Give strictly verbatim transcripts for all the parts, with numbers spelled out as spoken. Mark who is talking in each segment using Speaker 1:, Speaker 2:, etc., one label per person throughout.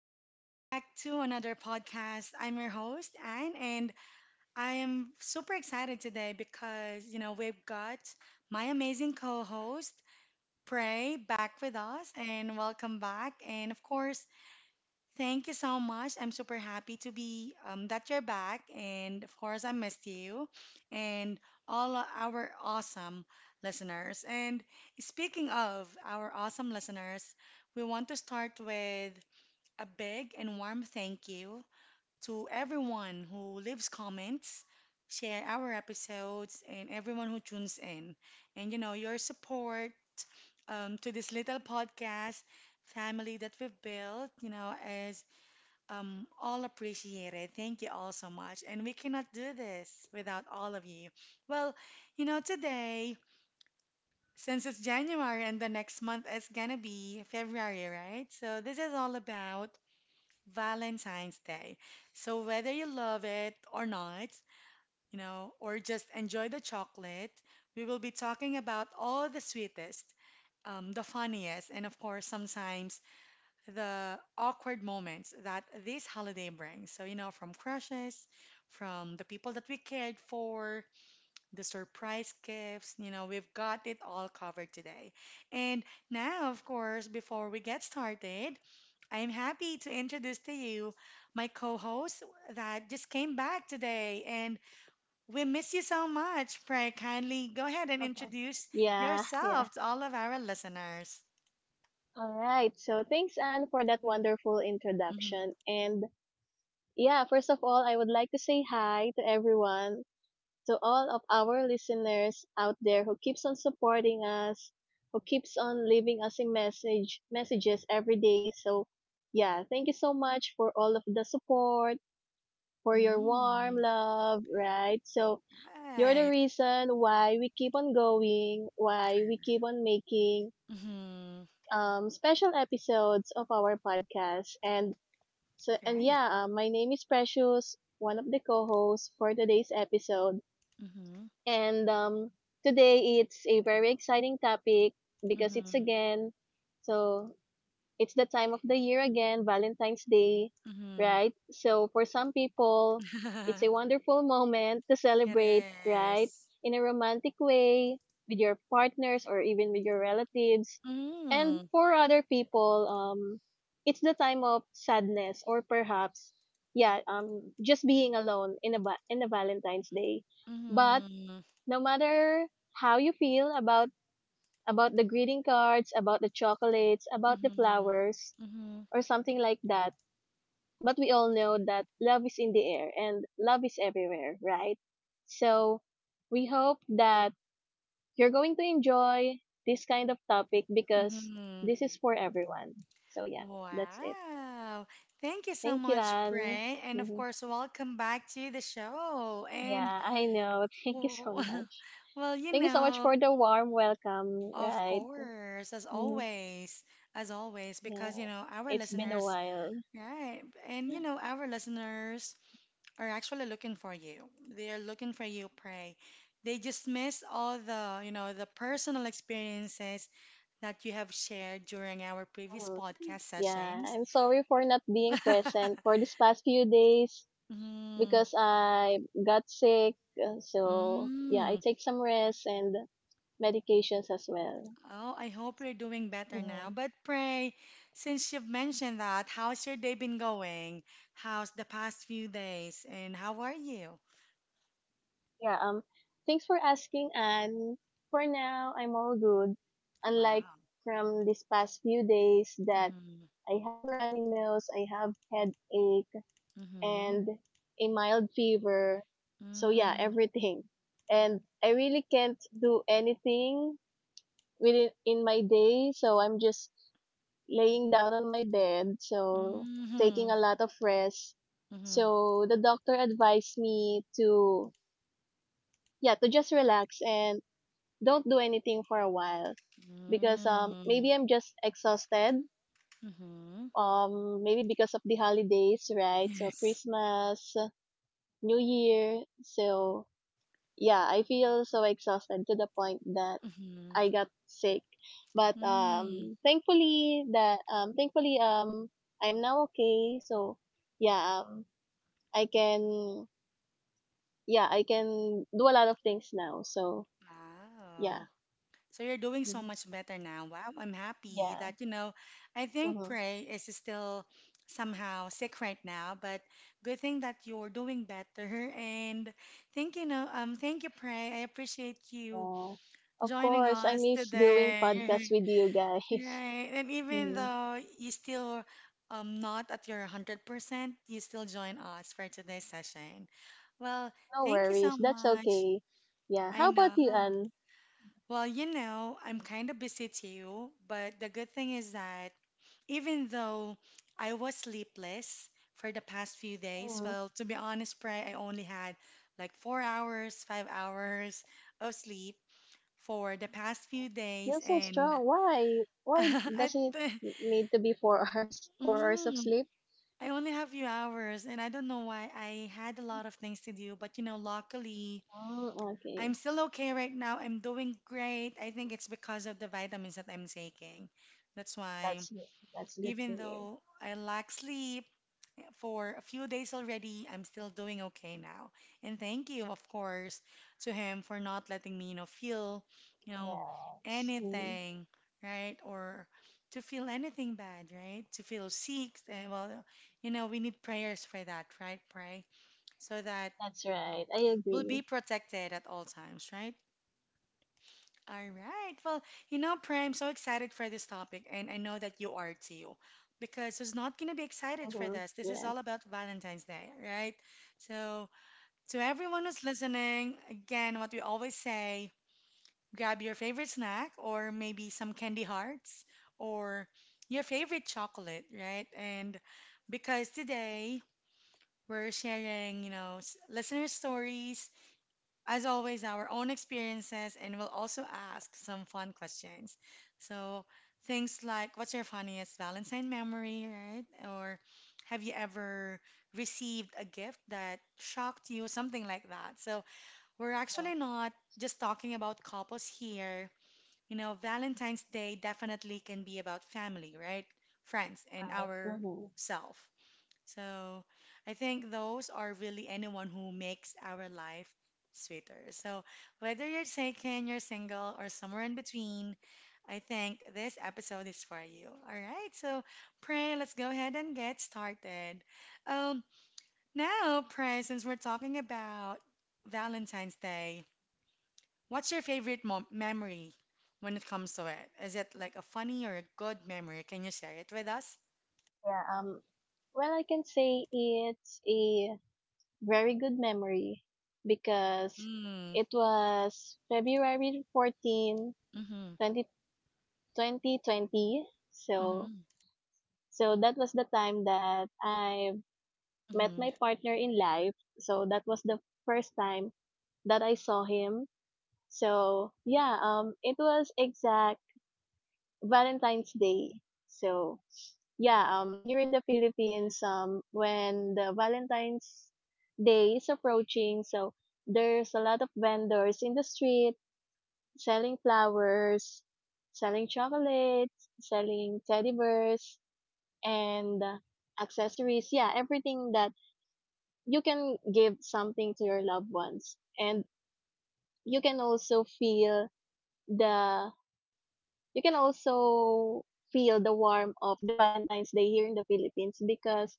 Speaker 1: welcome back to another podcast. I'm your host, Anne, and I am super excited today because, you know, we've got my amazing co host, Prey, back with us, and welcome back. And of course, thank you so much. I'm super happy to be um, that you're back, and of course, I missed you and all our awesome listeners. And speaking of our awesome listeners, we want to start with a big and warm thank you to everyone who leaves comments, share our episodes, and everyone who tunes in. And you know, your support um, to this little podcast family that we've built, you know, is um, all appreciated. Thank you all so much. And we cannot do this without all of you. Well, you know, today, since it's January and the next month is gonna be February, right? So this is all about Valentine's Day. So whether you love it or not, you know, or just enjoy the chocolate, we will be talking about all the sweetest, um, the funniest, and of course, sometimes the awkward moments that this holiday brings. So, you know, from crushes, from the people that we cared for, the surprise gifts. You know, we've got it all covered today. And now, of course, before we get started, I'm happy to introduce to you my co-host that just came back today, and we miss you so much. Pray kindly go ahead and introduce
Speaker 2: Yeah, yeah.
Speaker 1: yourself to all of our listeners.
Speaker 2: All right. So thanks, Anne, for that wonderful
Speaker 1: Mm-hmm.
Speaker 2: introduction. And yeah, first of all, I would like to say hi to everyone, to all of our listeners out there who keeps on supporting us, who keeps on leaving us a message, messages every day. So yeah, thank you so much for all of the support, for your warm
Speaker 1: Mm-hmm.
Speaker 2: love, right? So you're the
Speaker 1: Right.
Speaker 2: reason why we keep on going, why we keep on making
Speaker 1: Mm-hmm.
Speaker 2: um, special episodes of our podcast. And so, and
Speaker 1: Right.
Speaker 2: yeah, uh, my name is Precious, one of the co-hosts for today's episode.
Speaker 1: Mm-hmm.
Speaker 2: And um, today it's a very exciting topic because it's again so it's that time of the year again, Valentine's Day,
Speaker 1: Mm-hmm.
Speaker 2: right? So for some people, it's
Speaker 1: Mm-hmm.
Speaker 2: a wonderful moment to
Speaker 1: It
Speaker 2: celebrate, right?
Speaker 1: is.
Speaker 2: In a romantic way with your partners or even with your relatives. And
Speaker 1: Mm.
Speaker 2: for other people, um, it's the time of sadness or perhaps, yeah, um, just being alone in a va- in a Valentine's Day. But
Speaker 1: Mhm.
Speaker 2: no matter how you feel about about the greeting cards, about the chocolates, about the
Speaker 1: Mhm.
Speaker 2: flowers,
Speaker 1: Mhm.
Speaker 2: or something like that. But we all know that love is in the air and love is everywhere, right? So we hope that you're going to enjoy this kind of topic because
Speaker 1: Mhm.
Speaker 2: this is for everyone. So yeah, that's it.
Speaker 1: Wow. Thank you so
Speaker 2: Thank you,
Speaker 1: much,
Speaker 2: Anne.
Speaker 1: Pray. And of
Speaker 2: Mhm.
Speaker 1: course, welcome back to the show. And
Speaker 2: Yeah, I know. Thank you so
Speaker 1: w-
Speaker 2: much.
Speaker 1: well, you
Speaker 2: Thank you so much
Speaker 1: know,
Speaker 2: for the warm welcome,
Speaker 1: of
Speaker 2: right?
Speaker 1: course, as
Speaker 2: Mhm.
Speaker 1: always, as always,
Speaker 2: Yeah,
Speaker 1: because you know, our
Speaker 2: it's been a
Speaker 1: listeners,
Speaker 2: while.
Speaker 1: right? And you know, our listeners are actually looking for you. They are looking for you, Pray. They just miss all the, you know, the personal experiences that you have shared during our previous
Speaker 2: Mhm.
Speaker 1: podcast
Speaker 2: Yeah,
Speaker 1: sessions.
Speaker 2: I'm sorry for not being present for these past few days,
Speaker 1: Mm,
Speaker 2: because I got sick. uh, So yeah, I
Speaker 1: mm.
Speaker 2: take some rest and medications as well.
Speaker 1: Oh, I hope you're doing better now.
Speaker 2: Hmm.
Speaker 1: But pray, since you've mentioned that, how's your day been going? How's the past few days? And how are you?
Speaker 2: Yeah. Um. Thanks for asking, and for now I'm all good. Unlike
Speaker 1: Wow.
Speaker 2: from these past few days that
Speaker 1: Mm-hmm.
Speaker 2: I have runny nose, I have headache,
Speaker 1: Mm-hmm.
Speaker 2: and a mild fever. So yeah, everything. And I really can't do anything within in my day. So I'm just laying down on my bed, so taking
Speaker 1: Mm-hmm.
Speaker 2: a lot of rest.
Speaker 1: Mm-hmm.
Speaker 2: So the doctor advised me to yeah, to just relax and don't do anything for a while because um
Speaker 1: Mm-hmm.
Speaker 2: maybe I'm just exhausted.
Speaker 1: Mm-hmm.
Speaker 2: Um maybe because of the holidays, right? So
Speaker 1: Yes.
Speaker 2: Christmas, New Year. So yeah, I feel so exhausted to the point that
Speaker 1: Mm-hmm.
Speaker 2: I got sick. But
Speaker 1: Mm.
Speaker 2: um thankfully that um thankfully um I'm now okay. So yeah, um I can yeah, I can do a lot of things now. So yeah.
Speaker 1: Wow. So you're doing so
Speaker 2: Mhm.
Speaker 1: much better now. Wow, I'm happy
Speaker 2: Yeah.
Speaker 1: that, you know, I think
Speaker 2: Mm-hmm.
Speaker 1: Prey is still somehow sick right now, but good thing that you're doing better. And thank you, no, um, thank you, Prey. I appreciate you
Speaker 2: Yeah. Of
Speaker 1: joining
Speaker 2: course, I
Speaker 1: us
Speaker 2: miss doing podcasts
Speaker 1: today.
Speaker 2: with you guys.
Speaker 1: Right. And even
Speaker 2: Mm,
Speaker 1: though you still um not at your one hundred percent, you still join us for today's session. Well,
Speaker 2: no
Speaker 1: thank you so
Speaker 2: worries. That's
Speaker 1: much.
Speaker 2: okay. Yeah.
Speaker 1: I
Speaker 2: How about you,
Speaker 1: know.
Speaker 2: Anne?
Speaker 1: Well, you know, I'm kind of busy too, but the good thing is that even though I was sleepless for the past few days,
Speaker 2: Mm,
Speaker 1: well, to be honest, Pray, I only had like four hours, five hours of sleep for the past few days,
Speaker 2: you're so
Speaker 1: and
Speaker 2: strong. Why? Why
Speaker 1: I,
Speaker 2: does it
Speaker 1: th-
Speaker 2: need to be four hours? Four hours of
Speaker 1: mm,
Speaker 2: sleep?
Speaker 1: I only have few hours, and I don't know why I had a lot of things to do, but you know, luckily.
Speaker 2: Mm,
Speaker 1: I'm
Speaker 2: okay.
Speaker 1: still okay right now. I'm doing great. I think it's because of the vitamins that I'm taking. That's why,
Speaker 2: That's that's good to
Speaker 1: even
Speaker 2: hear.
Speaker 1: though I lack sleep for a few days already, I'm still doing okay now. And thank you, of course, to him for not letting me, you know, feel, you know,
Speaker 2: Yes. Mm,
Speaker 1: anything, right? Or to feel anything bad, right? To feel sick. eh, Well, you know, we need prayers for that, right? Pray so that
Speaker 2: that's right. I
Speaker 1: we'll be
Speaker 2: agree.
Speaker 1: protected at all times, right? All right. Well, you know, Prime, so excited for this topic, and I know that you are too. Because who's not going to be excited for
Speaker 2: Mm-hmm.
Speaker 1: this? This is
Speaker 2: Yeah.
Speaker 1: all about Valentine's Day, right? So, to everyone who's listening, again, what we always say grab your favorite snack or maybe some candy hearts or your favorite chocolate, right? And because today we're sharing, you know, s- listener stories as always, our own experiences, and we'll also ask some fun questions. So, things like what's your funniest Valentine memory, right? Or have you ever received a gift that shocked you, something like that. So, we're
Speaker 2: Yeah.
Speaker 1: actually not just talking about couples here. You know, Valentine's Day definitely can be about family, right? Friends, and
Speaker 2: Right.
Speaker 1: our
Speaker 2: Mm-hmm.
Speaker 1: self. So I think those are really anyone who makes our life sweeter. So whether you're taken, you're single, or somewhere in between, I think this episode is for you. All right, so Pray, let's go ahead and get started. Um, Now, Pray, since we're talking about Valentine's Day, what's your favorite mom memory when it comes to it? Is it like a funny or a good memory? Can you share it with us?
Speaker 2: Yeah. Um. Well, I can say it's a very good memory because
Speaker 1: Mm-hmm.
Speaker 2: it was February fourteenth, 20,
Speaker 1: Mm-hmm.
Speaker 2: twenty twenty. So so that was the time that I met
Speaker 1: Mm-hmm.
Speaker 2: my partner in life. So that was the first time that I saw him. So yeah, um, it was exact Valentine's Day. So yeah, um, here in the Philippines, um, when the Valentine's Day is approaching, so there's a lot of vendors in the street selling flowers, selling chocolates, selling teddy bears, and uh, accessories. Yeah, everything that you can give something to your loved ones, and you can also feel the you can also feel the warmth of the Valentine's Day here in the Philippines because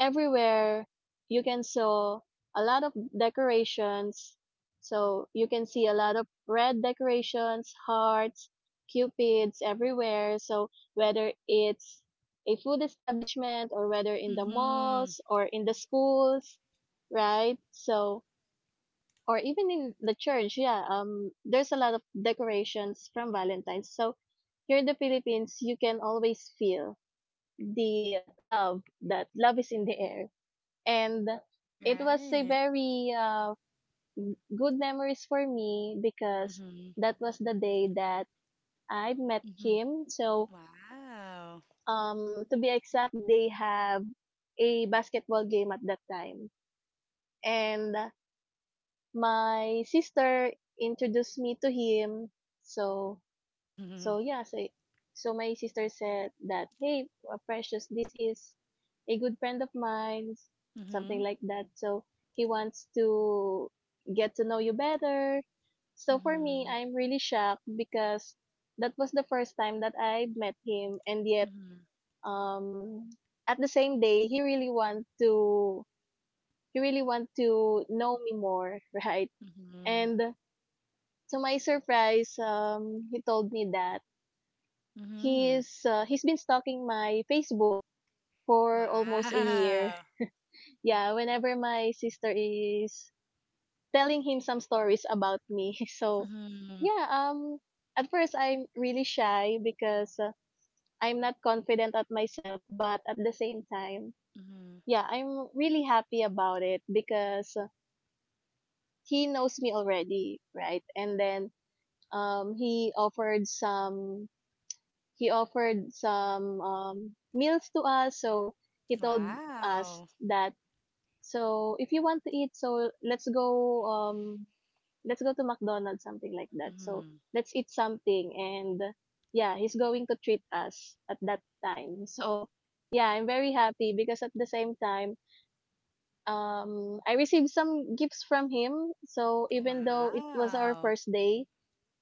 Speaker 2: everywhere you can saw a lot of decorations. So you can see a lot of red decorations, hearts, cupids everywhere. So whether it's a food establishment or whether in the
Speaker 1: Mm-hmm.
Speaker 2: malls or in the schools, right? So or even in the church, yeah, um, there's a lot of decorations from Valentine's. So here in the Philippines, you can always feel the love that love is in the air, and it was a
Speaker 1: Right.
Speaker 2: very uh, good memories for me because
Speaker 1: Mm-hmm.
Speaker 2: that was the day that I met
Speaker 1: Mm-hmm.
Speaker 2: him. So
Speaker 1: Wow.
Speaker 2: um, to be exact, they have a basketball game at that time, and my sister introduced me to him. So so
Speaker 1: Mhm,
Speaker 2: yeah, so so my sister said that, "Hey, uh, Precious, this is a good friend of mine," something
Speaker 1: mhm,
Speaker 2: like that. So he wants to get to know you better. So for me,
Speaker 1: mhm,
Speaker 2: I'm really shocked because that was the first time that I met him and yet
Speaker 1: mhm,
Speaker 2: um at the same day he really want to he really want to know me more, right?
Speaker 1: mhm,
Speaker 2: And to my surprise, um, he told me that
Speaker 1: mhm,
Speaker 2: he's uh, he's been stalking my Facebook for almost a year.
Speaker 1: Wow.
Speaker 2: Yeah, whenever my sister is telling him some stories about me, so
Speaker 1: Mhm,
Speaker 2: yeah, um, at first I'm really shy because uh, I'm not confident at myself, but at the same time,
Speaker 1: mhm,
Speaker 2: yeah, I'm really happy about it because uh, he knows me already, right? And then um, he offered some he offered some um, meals to us. So he told us
Speaker 1: Wow.
Speaker 2: that so if you want to eat, so let's go um let's go to McDonald's something like that. So
Speaker 1: Mhm,
Speaker 2: let's eat something and yeah, he's going to treat us at that time. So yeah, I'm very happy because at the same time um I received some gifts from him. So even though it was our
Speaker 1: Wow.
Speaker 2: first day,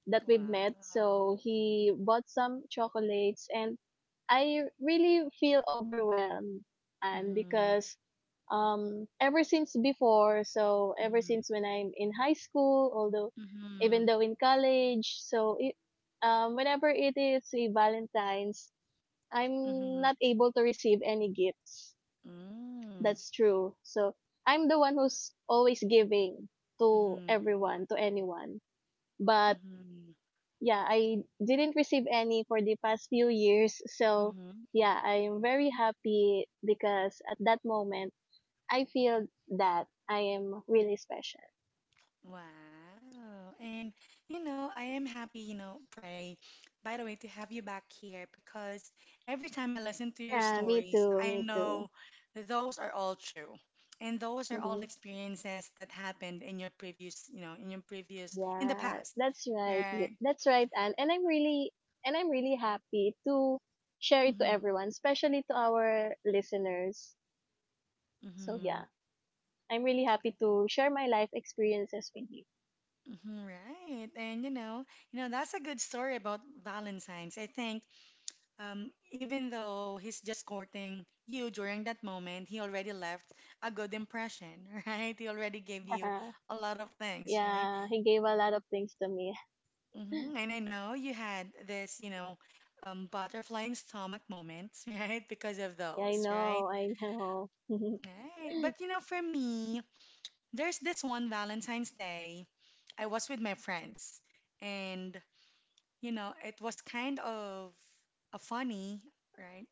Speaker 2: that we've
Speaker 1: Wow.
Speaker 2: met. So he bought some chocolates and I really feel overwhelmed and
Speaker 1: Mhm,
Speaker 2: because um ever since before, so ever
Speaker 1: mhm,
Speaker 2: since when I'm in high school, although even
Speaker 1: mhm,
Speaker 2: though in college, so it, um whenever it is a Valentine's, I'm
Speaker 1: mhm,
Speaker 2: not able to receive any gifts.
Speaker 1: mm,
Speaker 2: That's true. So I'm the one who's always giving to
Speaker 1: mhm,
Speaker 2: everyone, to anyone. But
Speaker 1: mhm,
Speaker 2: yeah, I didn't receive any for the past few years. So,
Speaker 1: mhm,
Speaker 2: yeah, I'm very happy because at that moment, I feel that I am really special.
Speaker 1: Wow. And you know, I am happy, you know, Pray, by the way, to have you back here because every time I listen to your
Speaker 2: Yeah, me
Speaker 1: stories,
Speaker 2: too,
Speaker 1: I
Speaker 2: me too.
Speaker 1: know those are all true. And those are all
Speaker 2: Mhm.
Speaker 1: experiences that happened in your previous, you know, in your previous, in the
Speaker 2: Yeah,
Speaker 1: past,
Speaker 2: that's right. you-
Speaker 1: right?
Speaker 2: That's right, Anne. And I'm really and I'm really happy to share it to
Speaker 1: Mm-hmm.
Speaker 2: everyone, especially to our listeners. So,
Speaker 1: Mm-hmm.
Speaker 2: yeah, I'm really happy to share my life experiences with you.
Speaker 1: Mm-hmm, right. And you know, you know, that's a good story about Valentine's. I think Um, even though he's just courting you during that moment, he already left a good impression, right? He already gave you a lot of things, right?
Speaker 2: Yeah, he gave a lot of things to me.
Speaker 1: Hmm. And I know you had this, you know, um, butterfly in stomach moments, right? Because of
Speaker 2: Yeah, I
Speaker 1: those, right?
Speaker 2: know, I know. Hmm.
Speaker 1: Right. But you know, for me, there's this one Valentine's Day. I was with my friends, and you know, it was kind of a funny, right?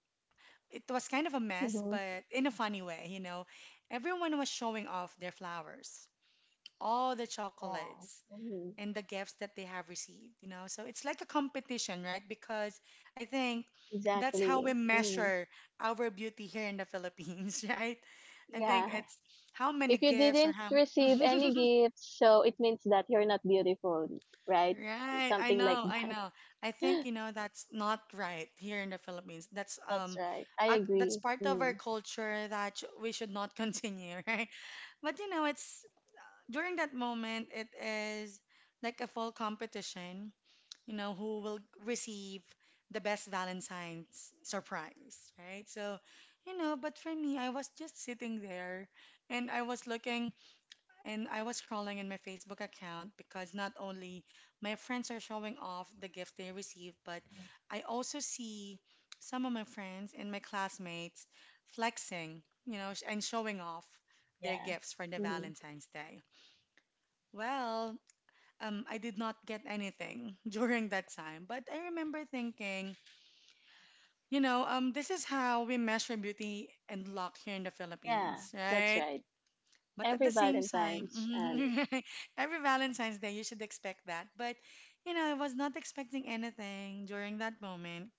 Speaker 1: It was kind of a mess,
Speaker 2: Yeah.
Speaker 1: but in a funny way, you know. Everyone was showing off their flowers, all the chocolates,
Speaker 2: Hmm.
Speaker 1: and the gifts that they have received, you know. So it's like a competition, right? Because I think that's how we
Speaker 2: Exactly. Hmm.
Speaker 1: measure our beauty here in the Philippines, right? I think
Speaker 2: Yeah.
Speaker 1: it's how many
Speaker 2: If you
Speaker 1: gifts or
Speaker 2: didn't
Speaker 1: how
Speaker 2: receive any gifts, so it means that you're not beautiful, right? It's
Speaker 1: right, I
Speaker 2: something like
Speaker 1: know, I
Speaker 2: that.
Speaker 1: know. I think you know that's not right here in the Philippines. That's
Speaker 2: That's
Speaker 1: um
Speaker 2: right. I
Speaker 1: ac that's
Speaker 2: agree.
Speaker 1: part of our
Speaker 2: Mm.
Speaker 1: culture that sh we should not continue, right? But you know, it's during that moment it is like a full competition, you know, who will receive the best Valentine's surprise, right? So, you know, but for me, I was just sitting there and I was looking and I was scrolling in my Facebook account because not only my friends are showing off the gift they receive, but I also see some of my friends and my classmates flexing, you know, sh- and showing off their
Speaker 2: Yeah.
Speaker 1: gifts for the
Speaker 2: Hmm.
Speaker 1: Valentine's Day. Well, um, I did not get anything during that time, but I remember thinking, you know, um, this is how we measure beauty and luck here in the
Speaker 2: Yeah,
Speaker 1: Philippines,
Speaker 2: that's
Speaker 1: right?
Speaker 2: right.
Speaker 1: But
Speaker 2: Every
Speaker 1: at the same time,
Speaker 2: Valentine's and
Speaker 1: every Valentine's Day, you should expect that. But, you know, I was not expecting anything during that moment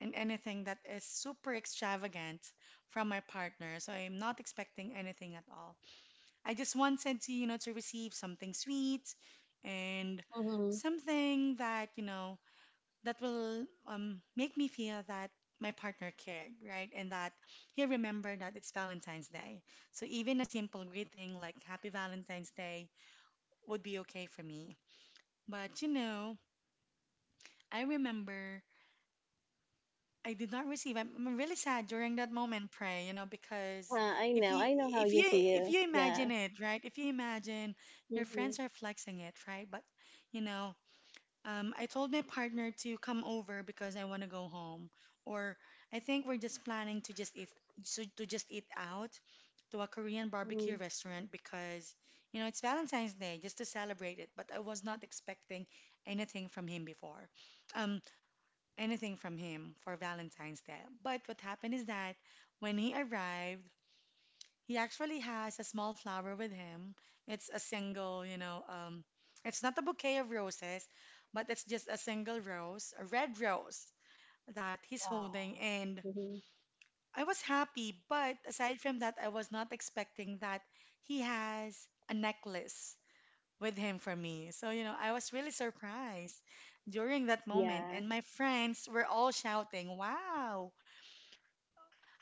Speaker 1: and anything that is super extravagant from my partner. So I'm not expecting anything at all. I just wanted to, you know, to receive something sweet and
Speaker 2: hmm
Speaker 1: something that, you know, that will um, make me feel that my partner cared, right? And that he remembered that it's Valentine's Day. So even a simple greeting like Happy Valentine's Day would be okay for me. But you know, I remember I did not receive. I'm, I'm really sad during that moment, pray, you know, because
Speaker 2: yeah, I
Speaker 1: if
Speaker 2: know.
Speaker 1: you
Speaker 2: I know how
Speaker 1: if
Speaker 2: you
Speaker 1: you if
Speaker 2: feel.
Speaker 1: you imagine
Speaker 2: Yeah.
Speaker 1: it, right? If you imagine your
Speaker 2: Hmm.
Speaker 1: friends are flexing it, right? But you know, Um, I told my partner to come over because I want to go home. Or I think we're just planning to just eat so to just eat out to a Korean barbecue
Speaker 2: Hmm.
Speaker 1: restaurant because you know it's Valentine's Day just to celebrate it. But I was not expecting anything from him before, um, anything from him for Valentine's Day. But what happened is that when he arrived, he actually has a small flower with him. It's a single, you know, um, it's not a bouquet of roses, but it's just a single rose, a red rose that he's holding. And
Speaker 2: Yeah. Hmm.
Speaker 1: I was happy, but aside from that, I was not expecting that he has a necklace with him for me. So, you know, I was really surprised during that moment.
Speaker 2: Yeah.
Speaker 1: And my friends were all shouting, "Wow,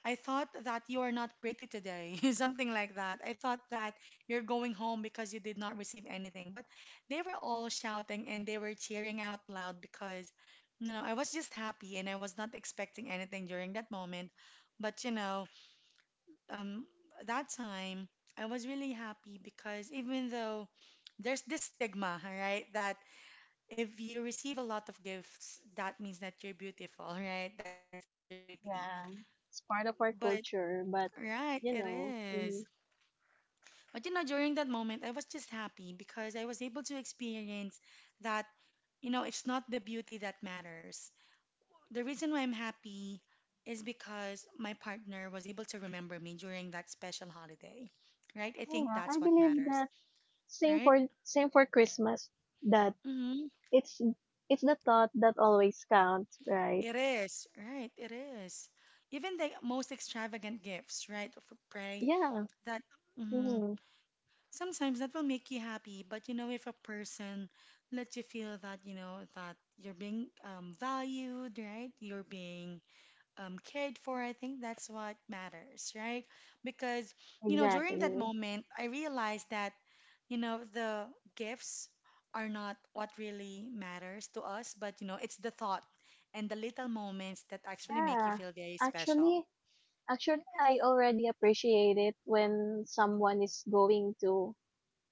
Speaker 1: I thought that you are not pretty today," something like that. I thought that you're going home because you did not receive anything. But they were all shouting and they were cheering out loud because, you know, I was just happy and I was not expecting anything during that moment. But, you know, um, that time I was really happy because even though there's this stigma, right, that if you receive a lot of gifts, that means that you're beautiful, right? That means that you're pretty.
Speaker 2: Yeah, it's part of our
Speaker 1: But.
Speaker 2: culture, but
Speaker 1: Right,
Speaker 2: you
Speaker 1: it
Speaker 2: know,
Speaker 1: is.
Speaker 2: mm,
Speaker 1: But, you know, during that moment, I was just happy because I was able to experience that, you know, It's not the beauty that matters. The reason why I'm happy is because my partner was able to remember me during that special holiday, right? I
Speaker 2: I don't
Speaker 1: think
Speaker 2: know, I
Speaker 1: that's what
Speaker 2: believe
Speaker 1: matters,
Speaker 2: that same
Speaker 1: right?
Speaker 2: for same for Christmas that
Speaker 1: Mm-hmm.
Speaker 2: it's it's the thought that always counts, right?
Speaker 1: It is, right? It is. Even the most extravagant gifts, right? Of a prey
Speaker 2: Yeah,
Speaker 1: that, mm-hmm,
Speaker 2: mm,
Speaker 1: sometimes that will make you happy. But you know, if a person lets you feel that, you know, that you're being um, valued, right? You're being um, cared for, I think that's what matters, right? Because, you know, during that
Speaker 2: exactly.
Speaker 1: moment, I realized that, you know, the gifts are not what really matters to us, but, you know, it's the thought and the little moments that actually make you
Speaker 2: Yeah,
Speaker 1: feel very special.
Speaker 2: actually, actually, I already appreciate it when someone is going to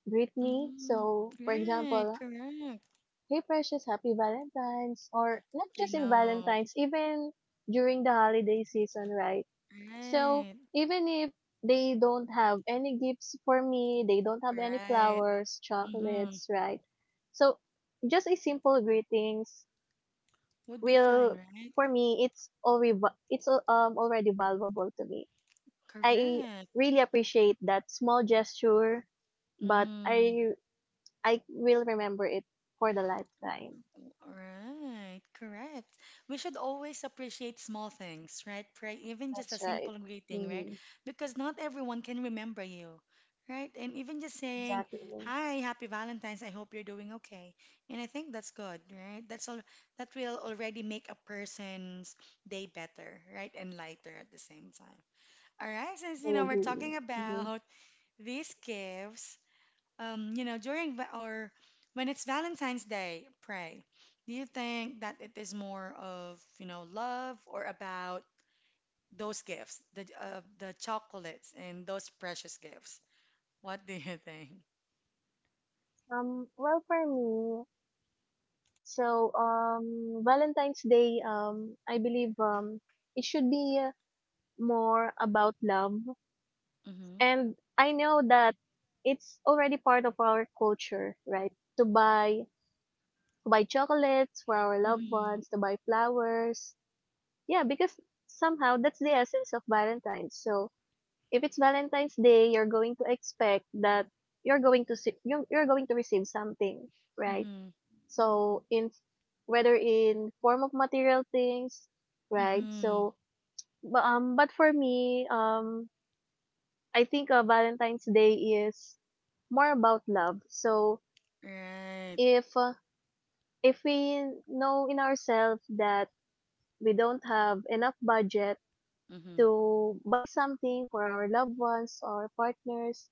Speaker 2: greet me.
Speaker 1: Mm-hmm.
Speaker 2: So, for
Speaker 1: Right,
Speaker 2: example,
Speaker 1: correct.
Speaker 2: hey Precious, happy Valentine's or not
Speaker 1: I
Speaker 2: just in
Speaker 1: know.
Speaker 2: Valentine's, even during the holiday season, right? So
Speaker 1: Right.
Speaker 2: even if they don't have any gifts for me, they don't have any
Speaker 1: Right.
Speaker 2: flowers,
Speaker 1: Mm-hmm.
Speaker 2: chocolates, right? So just a simple greetings
Speaker 1: Would be fine,
Speaker 2: will
Speaker 1: right?
Speaker 2: for me it's already it's al- um already valuable to me. I
Speaker 1: Correct.
Speaker 2: really appreciate that small gesture, but
Speaker 1: Mm-hmm.
Speaker 2: I I will remember it for the lifetime.
Speaker 1: Right. Correct. We should always appreciate small things, right? Pray, even just a
Speaker 2: That's right.
Speaker 1: simple greeting, right?
Speaker 2: Mm-hmm.
Speaker 1: Because not everyone can remember you, right? And even just saying,
Speaker 2: Exactly.
Speaker 1: "Hi, happy Valentine's. I hope you're doing okay." And I think that's good, right? That's all. That will already make a person's day better, right? And lighter at the same time. All right, since you
Speaker 2: I
Speaker 1: know we're
Speaker 2: agree.
Speaker 1: talking
Speaker 2: Mm-hmm.
Speaker 1: about these gifts, um, you know, during va- or when it's Valentine's Day, pray. Do you think that it is more of, you know, love or about those gifts, the uh, the chocolates and those precious gifts? What do you think?
Speaker 2: Um, well, for me, so, um, Valentine's Day, um, I believe, um, it should be uh, more about love.
Speaker 1: Mm-hmm.
Speaker 2: And I know that it's already part of our culture, right? To buy, to buy chocolates for our loved
Speaker 1: Mm-hmm.
Speaker 2: ones, to buy flowers. Yeah, because somehow that's the essence of Valentine's. So, if it's Valentine's Day, you're going to expect that you're going to see, you're, you're going to receive something, right?
Speaker 1: Mm-hmm.
Speaker 2: So in whether in form of material things, right?
Speaker 1: Mm-hmm.
Speaker 2: So bu- um but for me, um I think uh, Valentine's Day is more about love. So
Speaker 1: Right.
Speaker 2: if uh, if we know in ourselves that we don't have enough budget
Speaker 1: Mm-hmm.
Speaker 2: to buy something for our loved ones or partners,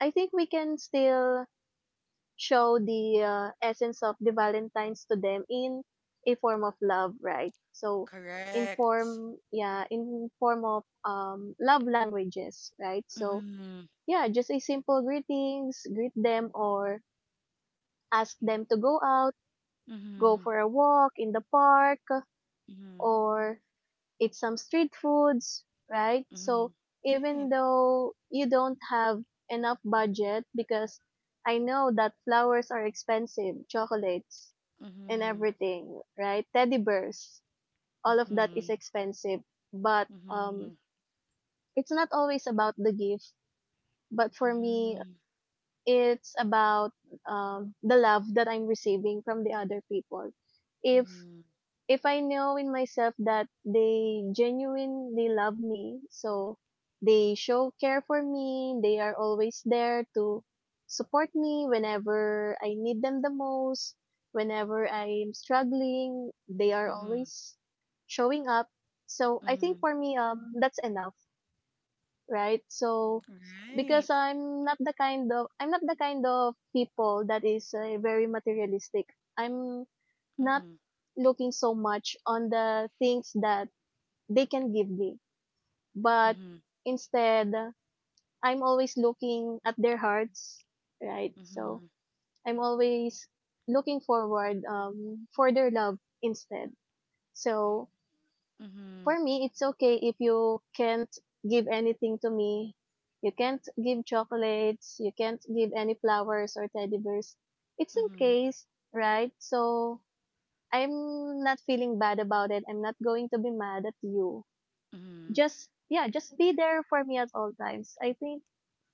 Speaker 2: I think we can still show the uh, essence of the Valentine's to them in a form of love, right? So in
Speaker 1: Correct.
Speaker 2: form, yeah, in form of um love languages, right? So
Speaker 1: Mm-hmm.
Speaker 2: yeah, just a simple greetings, greet them or ask them to go out, go
Speaker 1: Mm-hmm.
Speaker 2: for a walk in the park
Speaker 1: Mm-hmm.
Speaker 2: or eat some street foods, right? So
Speaker 1: Mm-hmm.
Speaker 2: even
Speaker 1: Right.
Speaker 2: though you don't have enough budget because I know that flowers are expensive, chocolates and
Speaker 1: Mm-hmm.
Speaker 2: everything, right? Teddy bears, all of that is
Speaker 1: Mm-hmm.
Speaker 2: expensive, but um,
Speaker 1: Mm-hmm.
Speaker 2: it's not always about the gift. But for me,
Speaker 1: Mm-hmm.
Speaker 2: it's about um, the love that I'm receiving from the other people. If if I know in myself that they genuinely love me, so they show care for me, they are always there to support me whenever I need them the most, whenever I'm struggling, they are
Speaker 1: Mm-hmm.
Speaker 2: always showing up. So I think
Speaker 1: Mm-hmm.
Speaker 2: for me, um, that's enough, right? So because
Speaker 1: Right.
Speaker 2: I'm not the kind of I'm not the kind of people that is uh, very materialistic. I'm not
Speaker 1: Mhm.
Speaker 2: looking so much on the things that they can give me, but
Speaker 1: Mhm.
Speaker 2: instead uh, I'm always looking at their hearts, right? So
Speaker 1: Mhm.
Speaker 2: I'm always looking forward um for their love instead. So
Speaker 1: Mhm.
Speaker 2: for me, it's okay if you can't give anything to me. You can't give chocolates, you can't give any flowers or teddy bears. It's okay, right? So I'm not feeling bad about it. I'm not going to be mad at you.
Speaker 1: Mhm. Mhm.
Speaker 2: Just yeah, just be there for me at all times. I think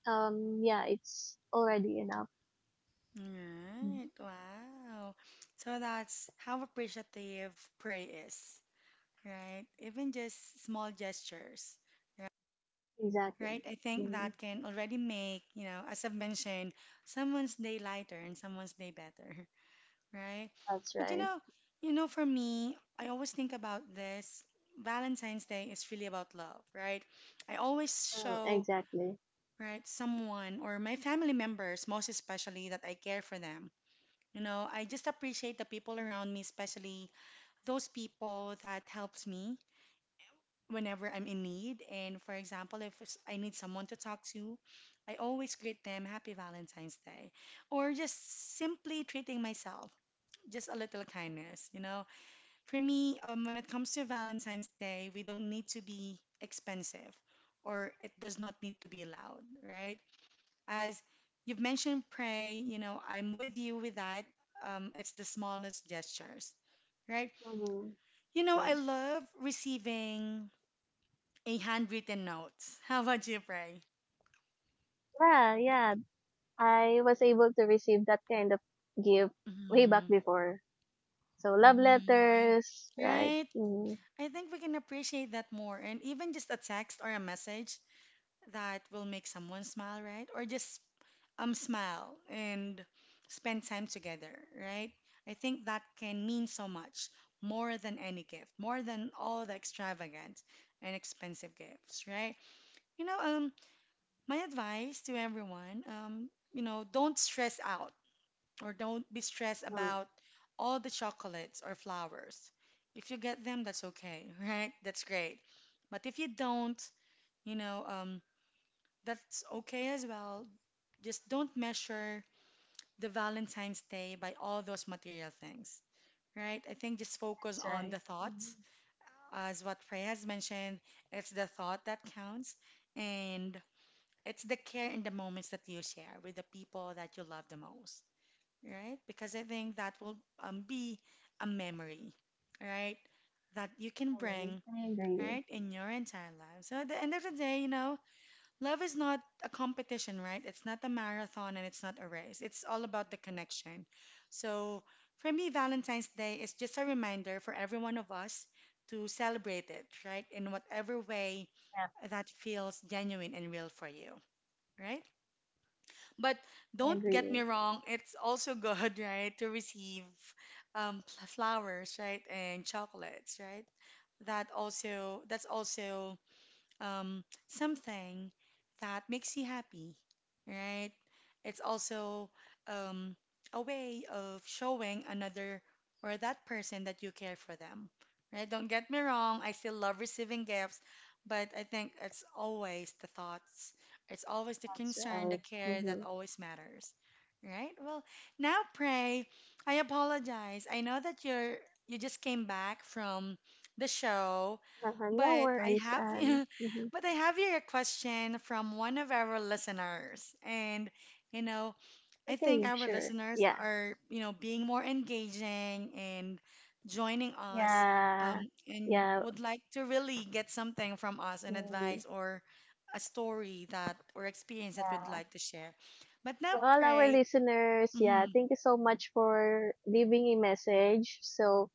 Speaker 2: um yeah, it's already enough. Mm.
Speaker 1: Right. Wow. So that's how appreciative pray is, right? Even just small gestures, right?
Speaker 2: Exactly.
Speaker 1: Right? I think
Speaker 2: Mm,
Speaker 1: that can already make, you know, as I've mentioned, someone's day lighter and someone's day better, right?
Speaker 2: that's
Speaker 1: But you
Speaker 2: right.
Speaker 1: know, you know, for me, I always think about this. Valentine's Day is really about love, right? I always
Speaker 2: Mm,
Speaker 1: show
Speaker 2: exactly.
Speaker 1: right? Someone or my family members, most especially, that I care for them. You know, I just appreciate the people around me, especially those people that helps me whenever I'm in need. And for example, if s- I need someone to talk to, I always greet them, "Happy Valentine's Day," or just simply treating myself. Just a little kindness, you know. For me, um, when it comes to Valentine's Day, we don't need to be expensive, or it does not need to be loud, right? As you've mentioned, pray, you know, I'm with you with that. Um, it's the smallest gestures, right?
Speaker 2: Hmm.
Speaker 1: You know,
Speaker 2: Yeah.
Speaker 1: I love receiving a handwritten note. How about you, pray?
Speaker 2: Yeah, yeah. I was able to receive that kind of gift way back
Speaker 1: Mm-hmm.
Speaker 2: before. So love
Speaker 1: Mm-hmm. Right.
Speaker 2: letters, right?
Speaker 1: Right.
Speaker 2: Mm-hmm.
Speaker 1: I think we can appreciate that more. And even just a text or a message that will make someone smile, right? Or just um, smile and spend time together, right? I think that can mean so much more than any gift, more than all the extravagant and expensive gifts, right? You know, um, my advice to everyone, um, you know, don't stress out or don't be stressed
Speaker 2: Mm,
Speaker 1: about all the chocolates or flowers. If you get them, that's okay, right? That's great. But if you don't, you know, um, that's okay as well. Just don't measure the Valentine's Day by all those material things, right? I think just focus
Speaker 2: that's
Speaker 1: on
Speaker 2: right.
Speaker 1: the
Speaker 2: Mm-hmm.
Speaker 1: thoughts. As what Freya has mentioned, it's the thought that counts, and it's the care in the moments that you share with the people that you love the most, right? Because I think that will um, be a memory, right? That you can
Speaker 2: Mm,
Speaker 1: bring,
Speaker 2: I agree.
Speaker 1: right, in your entire life. So at the end of the day, you know, love is not a competition, right? It's not a marathon and it's not a race. It's all about the connection. So for me, Valentine's Day is just a reminder for every one of us to celebrate it, right? In whatever way
Speaker 2: Yeah,
Speaker 1: that feels genuine and real for you, right? But
Speaker 2: I
Speaker 1: don't get me
Speaker 2: agree.
Speaker 1: wrong, it's also good, right, to receive um, pl- flowers, right, and chocolates, right? That also, that's also um, something that makes you happy, right? It's also um, a way of showing another or that person that you care for them, right? Don't get me wrong, I still love receiving gifts, but I think it's always the thoughts, it's always the
Speaker 2: That's
Speaker 1: concern, the
Speaker 2: right.
Speaker 1: care that
Speaker 2: Mm-hmm.
Speaker 1: always matters, right? Well, now, Pray, I apologize. I know that you're you just came back from the show.
Speaker 2: Uh-huh, no
Speaker 1: But I
Speaker 2: worries. Um,
Speaker 1: have
Speaker 2: mhm.
Speaker 1: But I have here a question from one of our listeners. And, you know, I think
Speaker 2: Okay,
Speaker 1: our
Speaker 2: sure.
Speaker 1: listeners
Speaker 2: Yeah,
Speaker 1: are, you know, being more engaging and joining us
Speaker 2: yeah,
Speaker 1: um, and
Speaker 2: yeah,
Speaker 1: would like to really get something from us, an
Speaker 2: mm,
Speaker 1: advice or a story that or experience that we'd
Speaker 2: yeah.
Speaker 1: like to share. But now,
Speaker 2: To all our
Speaker 1: pray.
Speaker 2: listeners, yeah,
Speaker 1: Hmm.
Speaker 2: thank you so much for leaving a message. So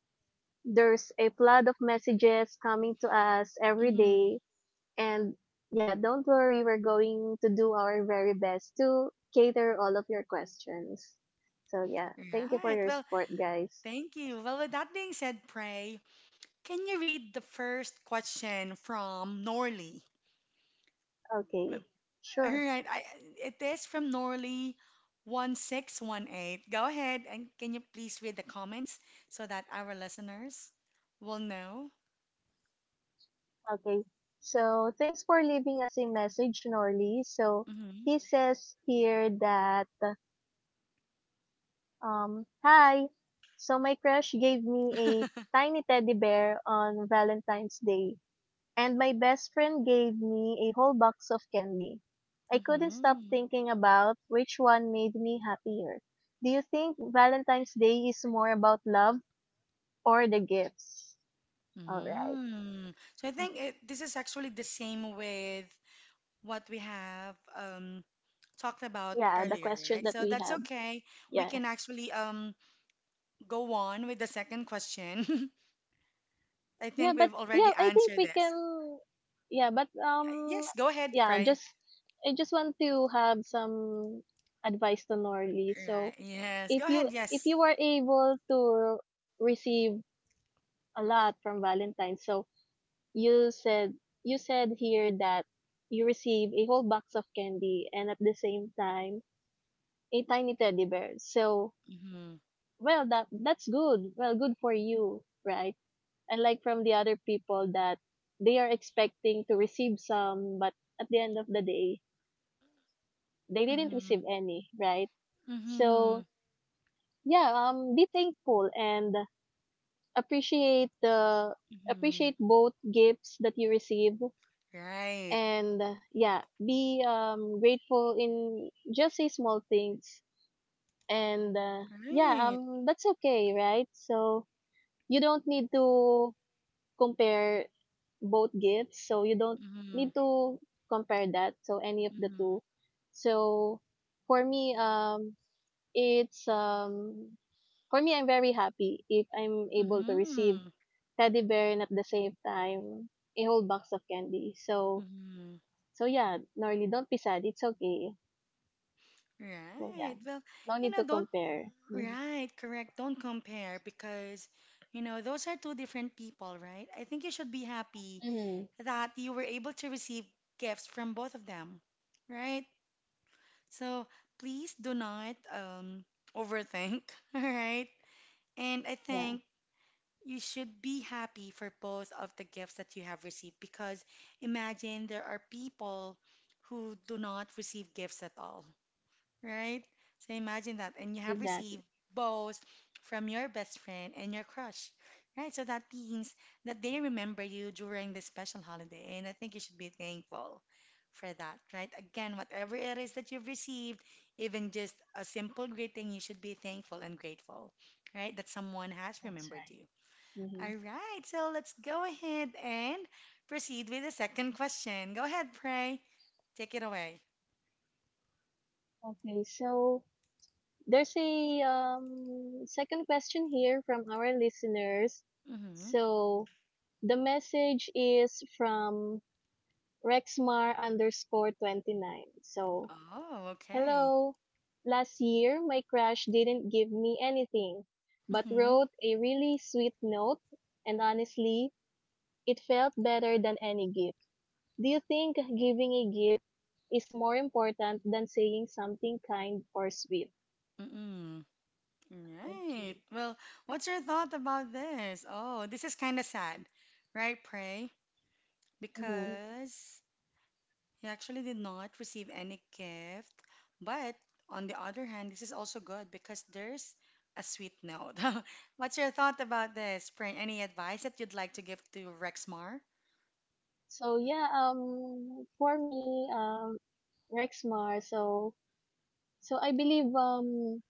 Speaker 2: there's a flood of messages coming to us every
Speaker 1: Hmm.
Speaker 2: day. And yeah, don't worry, we're going to do our very best to cater all of your questions. So yeah, thank you for
Speaker 1: Right.
Speaker 2: your
Speaker 1: Well,
Speaker 2: support, guys.
Speaker 1: thank you. Well, with that being said, pray, can you read the first question from Norley?
Speaker 2: Okay,
Speaker 1: All
Speaker 2: sure.
Speaker 1: right. I, it is from Norley one six one eight. Go ahead and can you please read the comments so that our listeners will know?
Speaker 2: Okay. So thanks for leaving us a message, Norly. So
Speaker 1: Hmm.
Speaker 2: he says here that um hi. So my crush gave me a tiny teddy bear on Valentine's Day, and my best friend gave me a whole box of candy. I couldn't stop
Speaker 1: Hmm.
Speaker 2: thinking about which one made me happier. Do you think Valentine's Day is more about love or the gifts? All
Speaker 1: Mm.
Speaker 2: right.
Speaker 1: So I think it, this is actually the same with what we have um, talked about
Speaker 2: Yeah, the
Speaker 1: earlier,
Speaker 2: question
Speaker 1: right?
Speaker 2: that
Speaker 1: So
Speaker 2: we
Speaker 1: that's
Speaker 2: have.
Speaker 1: okay. We
Speaker 2: Yeah.
Speaker 1: can actually um, go on with the second question. I
Speaker 2: Yeah,
Speaker 1: think
Speaker 2: but
Speaker 1: we've
Speaker 2: yeah,
Speaker 1: already
Speaker 2: I think
Speaker 1: answered
Speaker 2: we can
Speaker 1: this.
Speaker 2: yeah, but um
Speaker 1: Yes, go ahead,
Speaker 2: yeah,
Speaker 1: Pray.
Speaker 2: just I just want to have some advice to Norley. So,
Speaker 1: Right. Yes.
Speaker 2: if
Speaker 1: Go ahead.
Speaker 2: you if
Speaker 1: Yes.
Speaker 2: you are able to receive a lot from Valentine, so you said you said here that you receive a whole box of candy and at the same time a tiny teddy bear. So
Speaker 1: Mm-hmm.
Speaker 2: well that that's good. Well good for you, right? Unlike from the other people that they are expecting to receive some, but at the end of the day they didn't
Speaker 1: Mm-hmm.
Speaker 2: receive any, right?
Speaker 1: Mm-hmm.
Speaker 2: So yeah, um be thankful and appreciate the
Speaker 1: Mm-hmm.
Speaker 2: appreciate both gifts that you receive,
Speaker 1: Right.
Speaker 2: and uh, yeah be um grateful in just say small things, and uh, yeah
Speaker 1: Right.
Speaker 2: um that's okay, right? So you don't need to compare both gifts, so you don't
Speaker 1: Mm-hmm.
Speaker 2: need to compare that, so any of the
Speaker 1: Mm-hmm.
Speaker 2: two. So for me, um it's um for me I'm very happy if I'm able to receive
Speaker 1: Mm-hmm.
Speaker 2: teddy bear and at the same time a whole box of candy. So
Speaker 1: Mm-hmm.
Speaker 2: so yeah, Norly, don't be sad. It's okay. So yeah,
Speaker 1: Right. Well,
Speaker 2: no
Speaker 1: you
Speaker 2: need
Speaker 1: know,
Speaker 2: to
Speaker 1: don't,
Speaker 2: compare. Mm.
Speaker 1: right, correct. Don't compare because, you know, those are two different people, right? I think you should be happy
Speaker 2: Mm-hmm.
Speaker 1: that you were able to receive gifts from both of them, right? So please do not um overthink, all right? And I
Speaker 2: Yeah,
Speaker 1: think you should be happy for both of the gifts that you have received because imagine there are people who do not receive gifts at all, right? So imagine that. And you have
Speaker 2: exactly.
Speaker 1: received both from your best friend and your crush, right? So that means that they remember you during this special holiday. And I think you should be thankful for that, right? Again, whatever it is that you've received, even just a simple greeting, you should be thankful and grateful, right? That someone has
Speaker 2: That's
Speaker 1: remembered
Speaker 2: right.
Speaker 1: you.
Speaker 2: Hmm.
Speaker 1: All right, so let's go ahead and proceed with the second question. Go ahead, Pray. Take it away.
Speaker 2: Okay, so there's a um second question here from our listeners.
Speaker 1: Mm-hmm.
Speaker 2: So the message is from Rexmar underscore twenty-nine. So,
Speaker 1: Oh, okay.
Speaker 2: hello. Last year, my crush didn't give me anything, but
Speaker 1: Mm-hmm.
Speaker 2: wrote a really sweet note. And honestly, it felt better than any gift. Do you think giving a gift is more important than saying something kind or sweet?
Speaker 1: Mm-mm. Right.
Speaker 2: Okay.
Speaker 1: Well, what's your thought about this? Oh, this is kind of sad, right, Pray?
Speaker 2: Mhm.
Speaker 1: Because he actually did not receive any gift, but on the other hand, this is also good because there's a sweet note. What's your thought about this, Spring? Any advice that you'd like to give to Rexmar?
Speaker 2: So yeah, um, for me, um, Rexmar. So so I believe um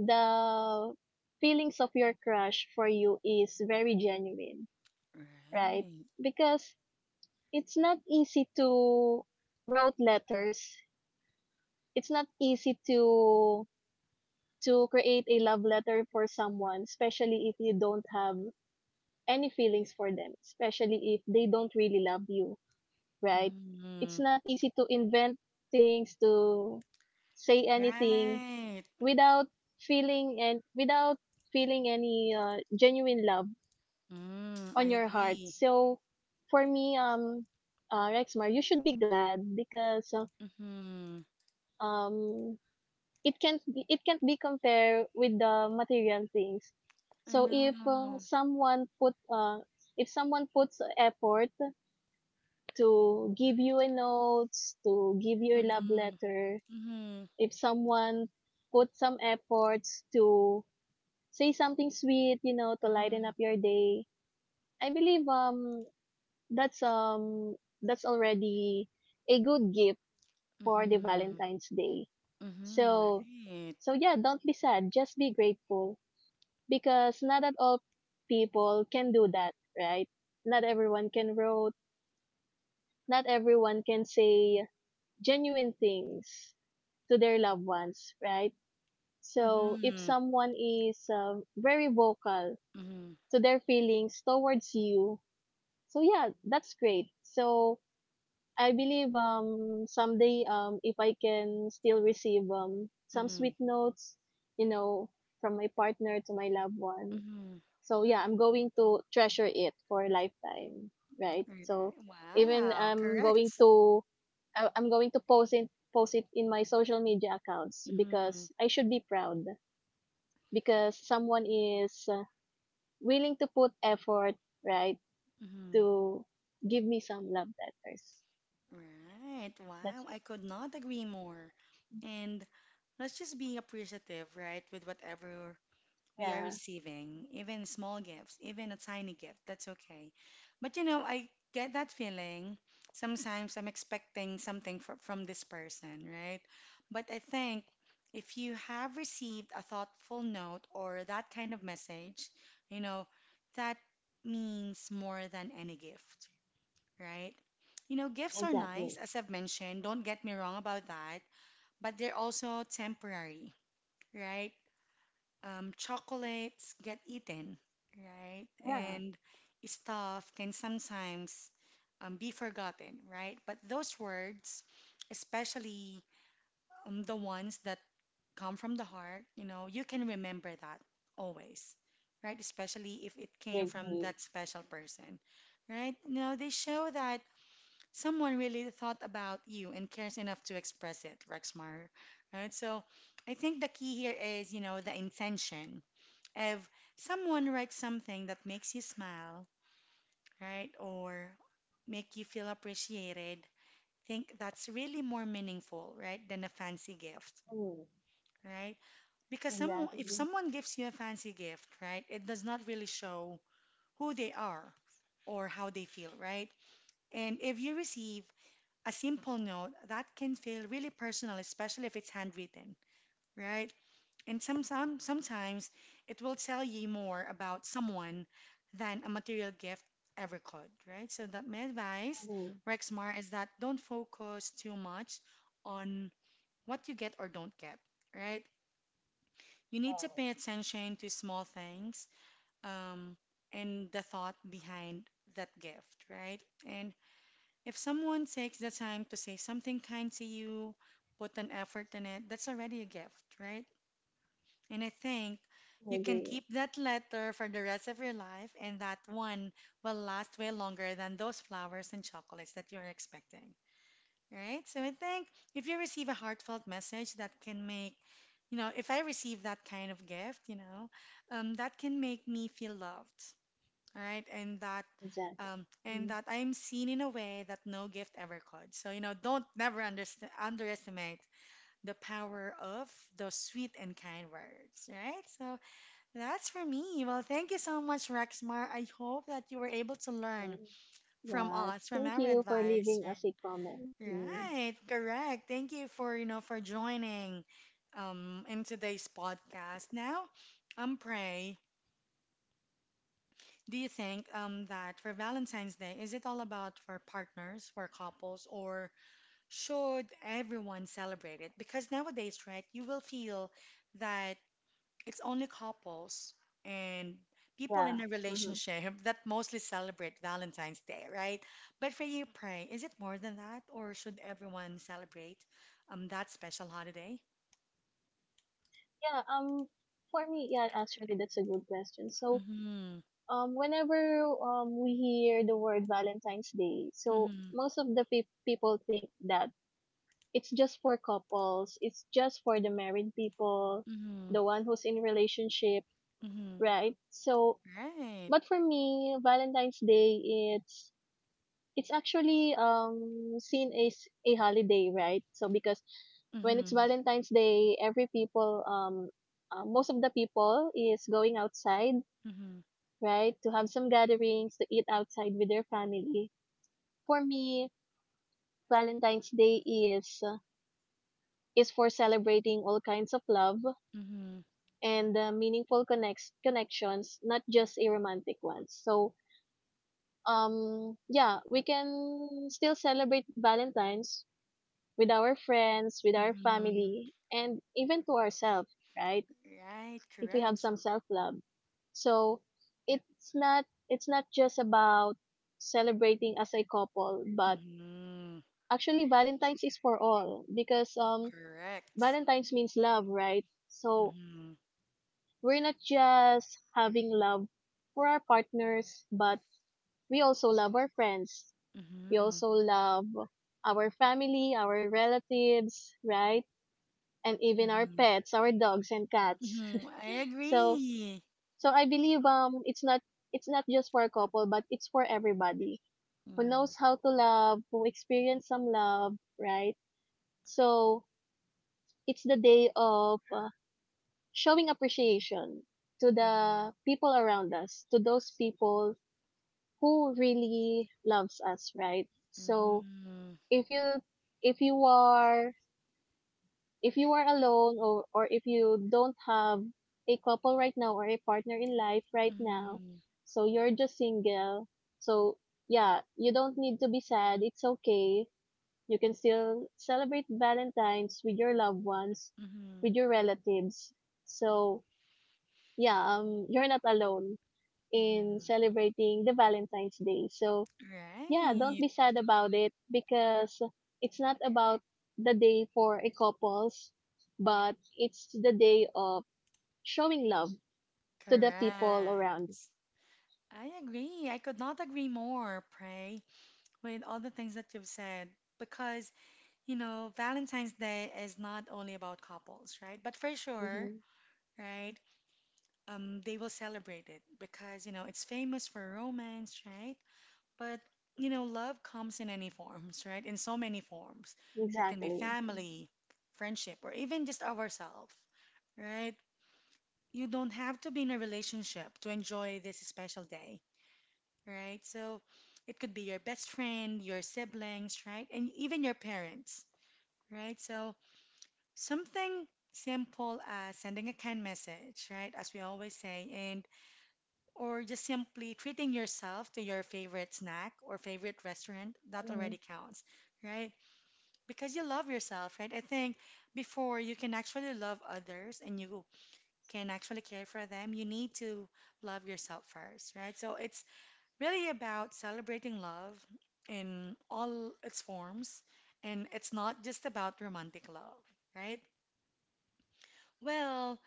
Speaker 2: the feelings of your crush for you is very genuine, right?
Speaker 1: Right.
Speaker 2: Because it's not easy to wrote letters. It's not easy to to create a love letter for someone, especially if you don't have any feelings for them, especially if they don't really love you, right? It's
Speaker 1: Hmm.
Speaker 2: not easy to invent things, to say anything
Speaker 1: Right.
Speaker 2: without feeling and without feeling any uh, genuine love
Speaker 1: Mm, I
Speaker 2: on your heart.
Speaker 1: agree.
Speaker 2: So for me, um, uh, Rexmar, you should be glad because uh,
Speaker 1: Mm-hmm.
Speaker 2: um it can't be, it can't be compared with the material things.
Speaker 1: I
Speaker 2: So if uh,
Speaker 1: know.
Speaker 2: someone put uh, if someone puts effort to give you a notes, to give you a love
Speaker 1: Mm-hmm.
Speaker 2: letter,
Speaker 1: Mm-hmm.
Speaker 2: if someone put some efforts to say something sweet, you know, to lighten
Speaker 1: Mm-hmm.
Speaker 2: up your day, I believe um that's um that's already a good gift for the
Speaker 1: Mm-hmm.
Speaker 2: Valentine's Day.
Speaker 1: Mm-hmm.
Speaker 2: So
Speaker 1: Right.
Speaker 2: so yeah, don't be sad, just be grateful because not at all people can do that, right? Not everyone can wrote, not everyone can say genuine things to their loved ones, right? So if
Speaker 1: Mm-hmm.
Speaker 2: someone is uh, very vocal
Speaker 1: Mm-hmm.
Speaker 2: to their feelings towards you, so yeah, that's great. So I believe um someday um if I can still receive um some
Speaker 1: Mm-hmm.
Speaker 2: sweet notes, you know, from my partner, to my loved one,
Speaker 1: Mm-hmm.
Speaker 2: so yeah, I'm going to treasure it for a lifetime, right?
Speaker 1: Right.
Speaker 2: So even
Speaker 1: Wow,
Speaker 2: I'm going
Speaker 1: correct.
Speaker 2: to I- I'm going to post it post it in my social media accounts
Speaker 1: Mm-hmm.
Speaker 2: because I should be proud because someone is uh, willing to put effort, right,
Speaker 1: Mm-hmm.
Speaker 2: to give me some love letters.
Speaker 1: Right. Wow,
Speaker 2: That's it.
Speaker 1: I could not agree more. And let's just be appreciative, right, with whatever we are
Speaker 2: Yeah,
Speaker 1: receiving, even small gifts, even a tiny gift, that's okay. But you know, I get that feeling. Sometimes I'm expecting something fr from this person, right? But I think if you have received a thoughtful note or that kind of message, you know, that means more than any gift, right? You know, gifts are nice,
Speaker 2: exactly.
Speaker 1: as I've mentioned, don't get me wrong about that, but they're also temporary, right? um, chocolates get eaten, right?
Speaker 2: Yeah,
Speaker 1: And stuff can sometimes um, be forgotten, right? But those words, especially um, the ones that come from the heart, you know, you can remember that always, right? Especially if it
Speaker 2: I
Speaker 1: came from
Speaker 2: agree.
Speaker 1: that special person, right? You know, they show that someone really thought about you and cares enough to express it, Rexmar, right? So I think the key here is, you know, the intention if someone writes something that makes you smile, right, or make you feel appreciated, think that's really more meaningful, right, than a fancy gift,
Speaker 2: Mm,
Speaker 1: right? Because some, if
Speaker 2: exactly.
Speaker 1: someone gives you a fancy gift, right, it does not really show who they are or how they feel, right? And if you receive a simple note, that can feel really personal, especially if it's handwritten, right? And some, some, sometimes it will tell you more about someone than a material gift ever could, right? So that my advice,
Speaker 2: Mm,
Speaker 1: Rexmar, is that don't focus too much on what you get or don't get, right? You need to pay attention to small things um, and the thought behind that gift, right? And if someone takes the time to say something kind to you, put an effort in it, that's already a gift, right? And I think
Speaker 2: I
Speaker 1: you can
Speaker 2: agree.
Speaker 1: keep that letter for the rest of your life, and that one will last way longer than those flowers and chocolates that you're expecting. Right? So I think if you receive a heartfelt message that can make, you know, if I receive that kind of gift, you know, um, that can make me feel loved. All right? And that
Speaker 2: Exactly.
Speaker 1: um, and
Speaker 2: Mm.
Speaker 1: that I'm seen in a way that no gift ever could. So, you know, don't never underst underestimate the power of those sweet and kind words, right? So, that's for me. Well, thank you so much, Rexmar. I hope that you were able to
Speaker 2: Mm.
Speaker 1: learn from
Speaker 2: Yeah,
Speaker 1: us, from
Speaker 2: thank
Speaker 1: our
Speaker 2: you for
Speaker 1: advice.
Speaker 2: leaving us a comment. Mm.
Speaker 1: Right, correct. Thank you for, you know, for joining um in today's podcast. Now, um, Pray. Do you think um that for Valentine's Day, is it all about for partners, for couples, or should everyone celebrate it? Because nowadays, right, you will feel that it's only couples and people
Speaker 2: Yeah.
Speaker 1: in a
Speaker 2: Mm-hmm.
Speaker 1: relationship that mostly celebrate Valentine's Day, right? But for you, Pray, is it more than that, or should everyone celebrate um that special holiday?
Speaker 2: Yeah, um for me, yeah, actually that's a good question. So,
Speaker 1: Mm-hmm.
Speaker 2: um whenever um we hear the word Valentine's Day, so
Speaker 1: Mm-hmm.
Speaker 2: most of the pe- people think that it's just for couples, it's just for the married people,
Speaker 1: Mm-hmm.
Speaker 2: the one who's in relationship,
Speaker 1: Mm-hmm.
Speaker 2: right? So,
Speaker 1: Right.
Speaker 2: but for me, Valentine's Day it's it's actually um seen as a holiday, right? So because when it's
Speaker 1: Mm-hmm.
Speaker 2: Valentine's Day, every people um uh, most of the people is going outside,
Speaker 1: Mm-hmm.
Speaker 2: right, to have some gatherings, to eat outside with their family. For me, Valentine's Day is uh, is for celebrating all kinds of love
Speaker 1: Mm-hmm.
Speaker 2: and uh, meaningful connects connections, not just a romantic one. So um yeah we can still celebrate valentines with our friends, with our
Speaker 1: Mm-hmm.
Speaker 2: family, and even to ourselves, right?
Speaker 1: Right.
Speaker 2: If we have
Speaker 1: Correct.
Speaker 2: some self-love. So it's not it's not just about celebrating as a couple, but
Speaker 1: Mm-hmm.
Speaker 2: actually Valentine's is for all because um
Speaker 1: Correct.
Speaker 2: Valentine's means love, right? So
Speaker 1: Mm-hmm.
Speaker 2: we're not just having love for our partners, but we also love our friends. We
Speaker 1: Mm-hmm.
Speaker 2: also love our family, our relatives, right? And even our
Speaker 1: Mm-hmm.
Speaker 2: pets, our dogs and cats.
Speaker 1: Mm-hmm. I
Speaker 2: So
Speaker 1: agree.
Speaker 2: so I believe um it's not it's not just for a couple but it's for everybody who knows how to love, who experience some love, right? So it's the day of uh, showing appreciation to the
Speaker 1: Mm-hmm.
Speaker 2: people around us, to those people who really loves us, right? So
Speaker 1: Mhm.
Speaker 2: if you if you are if you are alone, or, or if you don't have a couple right now or a partner in life right now,
Speaker 1: Mhm.
Speaker 2: so you're just single. So, yeah, you don't need to be sad. It's okay. You can still celebrate Valentine's with your loved ones,
Speaker 1: Mhm.
Speaker 2: with your relatives. So, yeah, um, you're not alone in
Speaker 1: Mhm.
Speaker 2: celebrating the Valentine's Day. So, yeah, don't
Speaker 1: Right.
Speaker 2: be sad about it because it's not about the day for a couples, but it's the day of showing love to the
Speaker 1: Correct.
Speaker 2: people around you.
Speaker 1: I agree. I could not agree more, Pray, with all the things that you've said. Because, you know, Valentine's Day is not only about couples, right? But for sure,
Speaker 2: Mhm.
Speaker 1: right? Um, they will celebrate it because, you know, it's famous for romance, right? But, you know, love comes in any forms, right? In so many forms. It can be
Speaker 2: Exactly.
Speaker 1: family, friendship, or even just ourselves, right? You don't have to be in a relationship to enjoy this special day, right? So it could be your best friend, your siblings, right? And even your parents, right? So something simple as sending a kind message, right? As we always say, and or just simply treating yourself to your favorite snack or favorite restaurant, that
Speaker 2: Mm.
Speaker 1: already counts, right? Because you love yourself, right? I think before you can actually love others and you can actually care for them, you need to love yourself first, right? So it's really about celebrating love in all its forms, and it's not just about romantic love, right? Well,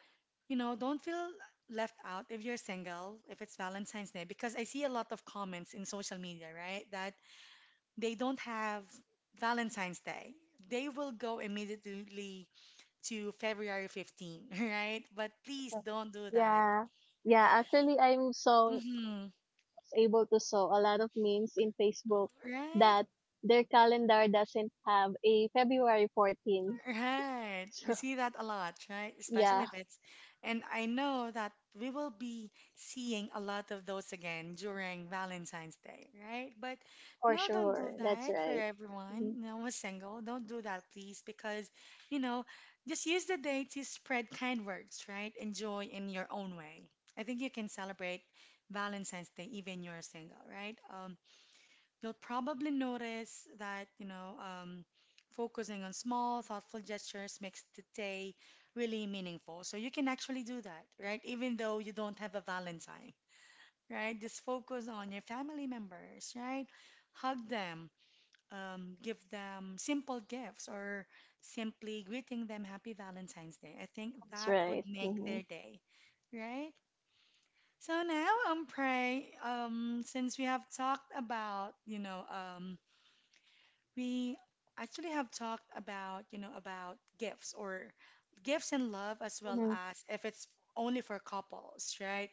Speaker 1: you know, don't feel left out if you're single, if it's Valentine's Day, because I see a lot of comments in social media, right, that they don't have Valentine's Day. They will go immediately to February fifteenth, right? But please don't do that.
Speaker 2: Yeah. Yeah, actually, I'm so
Speaker 1: Mhm.
Speaker 2: able to saw a lot of memes in Facebook
Speaker 1: Right,
Speaker 2: that their calendar doesn't have a February fourteenth.
Speaker 1: right. We
Speaker 2: So,
Speaker 1: see that a lot, right? Especially
Speaker 2: yeah,
Speaker 1: if it's, and I know that we will be seeing a lot of those again during Valentine's Day, right? But
Speaker 2: for
Speaker 1: no, don't do
Speaker 2: sure. That's
Speaker 1: that for
Speaker 2: right. Mhm.
Speaker 1: everyone. No one's single. Don't do that, please, because, you know, just use the day to spread kind words, right? Enjoy in your own way. I think you can celebrate Valentine's Day even you're single, right? Um, you'll probably notice that, you know, um, focusing on small, thoughtful gestures makes the day really meaningful. So you can actually do that, right? Even though you don't have a Valentine, right? Just focus on your family members, right? Hug them, um, give them simple gifts, or simply greeting them Happy Valentine's Day. I think
Speaker 2: That's
Speaker 1: that would
Speaker 2: right.
Speaker 1: make
Speaker 2: Mm-hmm.
Speaker 1: their day, right? So now, um, Pray, um, since we have talked about, you know, um, we actually have talked about, you know, about gifts or gifts and love as well
Speaker 2: Mm-hmm.
Speaker 1: as if it's only for couples, right?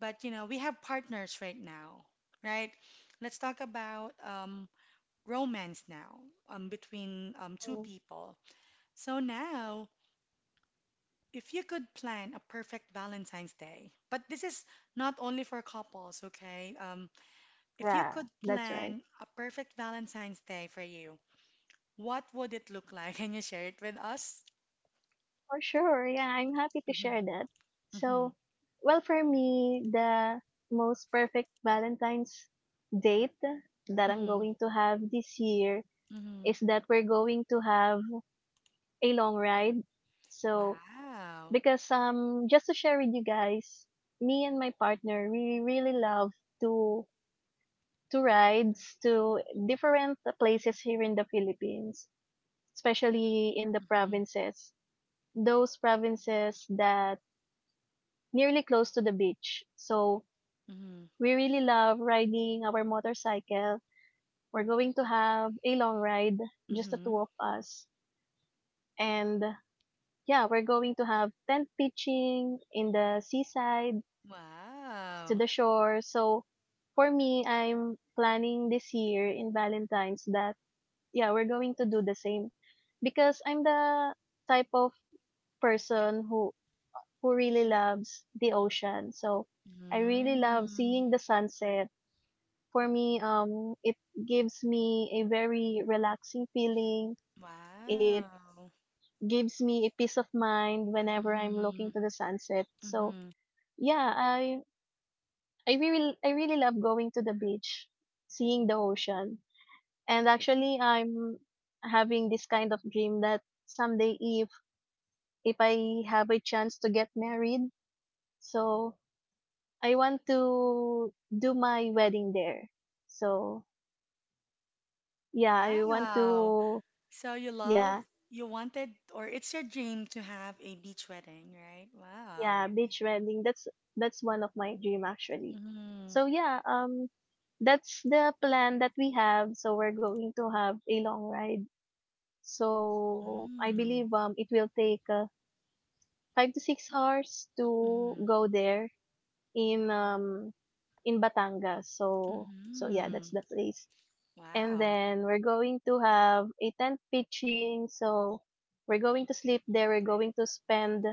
Speaker 1: But, you know, we have partners right now, right? Let's talk about um, romance now um, between um, two
Speaker 2: Mm-hmm.
Speaker 1: people. So now, if you could plan a perfect Valentine's Day, but this is not only for couples, okay? Um, if you
Speaker 2: Yeah,
Speaker 1: could
Speaker 2: that's right.
Speaker 1: plan a perfect Valentine's Day for you, what would it look like? Can you share it with us?
Speaker 2: For sure. Yeah, I'm happy to
Speaker 1: Mm-hmm,
Speaker 2: share that.
Speaker 1: mm-hmm,
Speaker 2: So, well, for me, the most perfect Valentine's date that I'm
Speaker 1: mm-hmm,
Speaker 2: going to have this year
Speaker 1: mm-hmm.
Speaker 2: is that we're going to have a long ride. So,
Speaker 1: Wow.
Speaker 2: because um just to share with you guys, me and my partner we really love to to rides to different places here in the Philippines, especially in the
Speaker 1: Mm-hmm,
Speaker 2: provinces. Those provinces that nearly close to the beach. So
Speaker 1: mm-hmm,
Speaker 2: we really love riding our motorcycle. We're going to have a long ride, just the
Speaker 1: mm-hmm.
Speaker 2: two of us. And yeah, we're going to have tent pitching in the seaside to
Speaker 1: Wow.
Speaker 2: the shore. So for me, I'm planning this year in Valentine's that yeah, we're going to do the same because I'm the type of person who who really loves the ocean. So I really love
Speaker 1: Mm.
Speaker 2: seeing the sunset. For me, um it gives me a very relaxing feeling. It
Speaker 1: Wow.
Speaker 2: gives me a peace of mind whenever I'm
Speaker 1: Mm-hmm,
Speaker 2: looking to the sunset. So
Speaker 1: mm-hmm.
Speaker 2: yeah, I I really I really love going to the beach, seeing the ocean. And actually I'm having this kind of dream that someday if if I have a chance to get married, so I want to do my wedding there. So yeah, I want
Speaker 1: Wow.
Speaker 2: to
Speaker 1: So you love,
Speaker 2: yeah,
Speaker 1: you wanted, or it's your dream to have a beach wedding, right? Wow.
Speaker 2: yeah, beach wedding. That's that's one of my dream actually.
Speaker 1: Mm-hmm,
Speaker 2: So yeah, um that's the plan that we have. So we're going to have a long ride. So I
Speaker 1: mm,
Speaker 2: believe um it will take uh, five to six hours to
Speaker 1: mm-hmm,
Speaker 2: go there in um in Batangas. So so yeah,
Speaker 1: mm-hmm.
Speaker 2: that's the place. And
Speaker 1: Wow.
Speaker 2: then we're going to have a tent pitching. So we're going to sleep there. We're going to spend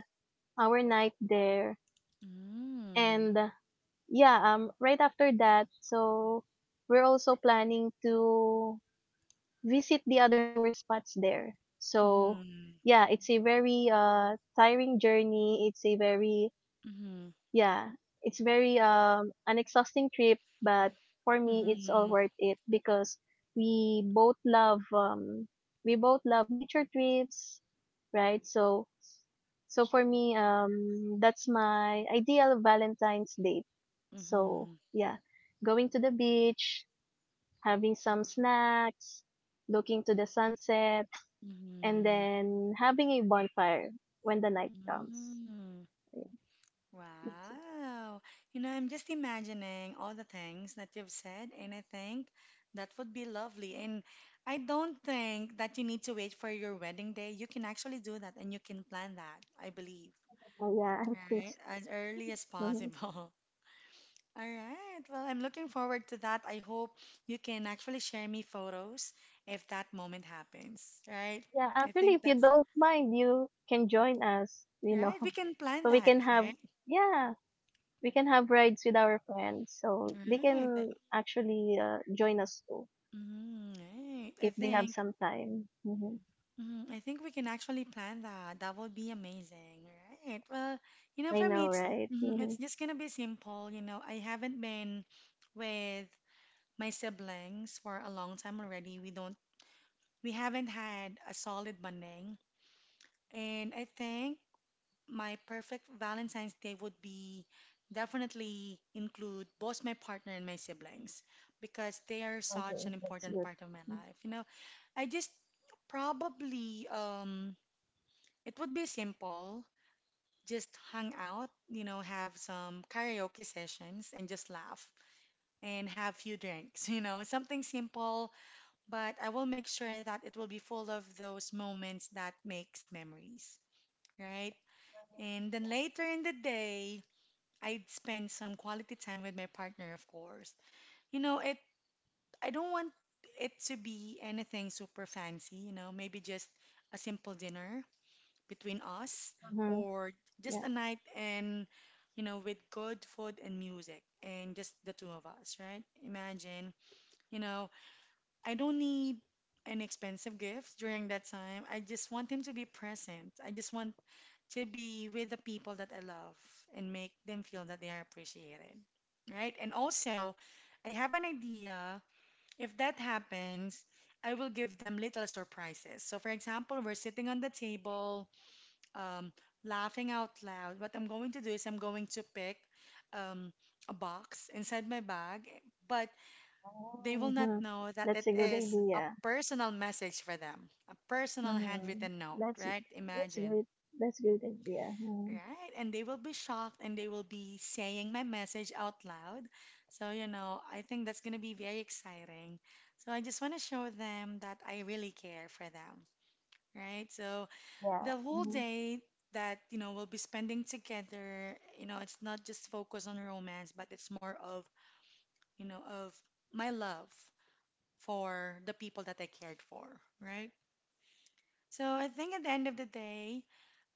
Speaker 2: our night there.
Speaker 1: Mm,
Speaker 2: And uh, yeah, um right after that, so we're also planning to visit the other tour spots there. So
Speaker 1: mm-hmm,
Speaker 2: yeah, it's a very uh tiring journey. It's a very
Speaker 1: mm-hmm.
Speaker 2: yeah, it's very um an exhausting trip, but for me it's all
Speaker 1: Mhm.
Speaker 2: worth it because we both love um we both love nature trips, right? So so for me um that's my ideal Valentine's date. So
Speaker 1: Mhm.
Speaker 2: yeah, going to the beach, having some snacks, looking to the sunset, and
Speaker 1: Mhm.
Speaker 2: then having a bonfire when the night comes.
Speaker 1: Mm.
Speaker 2: Ayun, that's it.
Speaker 1: Wow. You know, I'm just imagining all the things that you've said, and I think that would be lovely. And I don't think that you need to wait for your wedding day. You can actually do that, and you can plan that, I believe,
Speaker 2: Oh, yeah, I think
Speaker 1: right?
Speaker 2: so.
Speaker 1: As early as
Speaker 2: Mhm.
Speaker 1: possible. All right. Well, I'm looking forward to that. I hope you can actually share me photos if that moment happens, right?
Speaker 2: Yeah,
Speaker 1: I
Speaker 2: actually,
Speaker 1: think
Speaker 2: if you
Speaker 1: that's
Speaker 2: don't mind, you can join us, you know.
Speaker 1: Right, we can plan
Speaker 2: So we
Speaker 1: that,
Speaker 2: can have,
Speaker 1: right?
Speaker 2: yeah, we can have rides with our friends. So they
Speaker 1: Right. but-
Speaker 2: can actually uh, join us too
Speaker 1: Mm, right. I
Speaker 2: if they have
Speaker 1: think
Speaker 2: some time. hmm
Speaker 1: mm, I think we can actually plan that. That would be amazing, right? Well, you know,
Speaker 2: I
Speaker 1: for me,
Speaker 2: know,
Speaker 1: it's
Speaker 2: right?
Speaker 1: mm,
Speaker 2: hmm
Speaker 1: it's just gonna be simple. You know, I haven't been with my siblings for a long time already. We don't we haven't had a solid bonding, and I think my perfect Valentine's Day would be definitely include both my partner and my siblings because they are such
Speaker 2: Okay.
Speaker 1: an
Speaker 2: That's
Speaker 1: important
Speaker 2: good.
Speaker 1: part of my
Speaker 2: Mhm.
Speaker 1: life. You know, I just probably um it would be simple, just hang out, you know, have some karaoke sessions and just laugh and have few drinks, you know, something simple, but I will make sure that it will be full of those moments that makes memories, right? And then later in the day, I'd spend some quality time with my partner, of course. You know, it I don't want it to be anything super fancy, you know, maybe just a simple dinner between us
Speaker 2: Mm-hmm.
Speaker 1: or just
Speaker 2: Yeah.
Speaker 1: a night and you know, with good food and music and just the two of us, right? Imagine, you know, I don't need an expensive gift during that time. I just want him to be present. I just want to be with the people that I love and make them feel that they are appreciated, right? And also, I have an idea. If that happens, I will give them little surprises. So, for example, we're sitting on the table, um, laughing out loud. What I'm going to do is I'm going to pick um, a box inside my bag, but
Speaker 2: Oh,
Speaker 1: they will not
Speaker 2: mm-hmm.
Speaker 1: know that
Speaker 2: That's
Speaker 1: it
Speaker 2: a good
Speaker 1: is a
Speaker 2: idea.
Speaker 1: personal message for them, a personal
Speaker 2: Mm-hmm.
Speaker 1: handwritten note,
Speaker 2: That's
Speaker 1: right?
Speaker 2: that's great.
Speaker 1: Imagine.
Speaker 2: That's great idea. Mm-hmm.
Speaker 1: Right, and they will be shocked and they will be saying my message out loud. So, you know, I think that's going to be very exciting. So, I just want to show them that I really care for them, right? So,
Speaker 2: Yeah,
Speaker 1: the whole
Speaker 2: mm-hmm.
Speaker 1: day that, you know, we'll be spending together, you know, it's not just focused on romance, but it's more of, you know, of my love for the people that I cared for, right? So I think at the end of the day,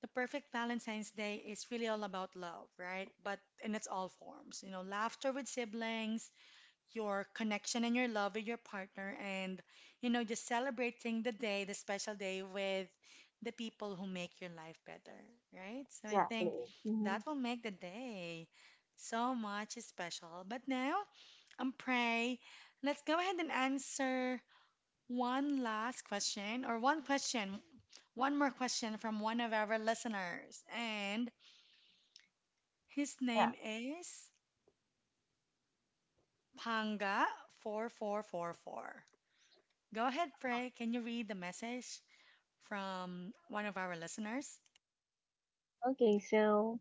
Speaker 1: the perfect Valentine's Day is really all about love, right? But in its all forms, you know, laughter with siblings, your connection and your love with your partner, and, you know, just celebrating the day, the special day with the people who make your life better, right? So I think
Speaker 2: Exactly. Mm-hmm.
Speaker 1: that will make the day so much special. But now, I'm Pray, let's go ahead and answer one last question, or one question, one more question from one of our listeners. And his
Speaker 2: Yeah.
Speaker 1: name is panga four four four four. Go ahead, Frey. Can you read the message from one of our listeners?
Speaker 2: Okay, so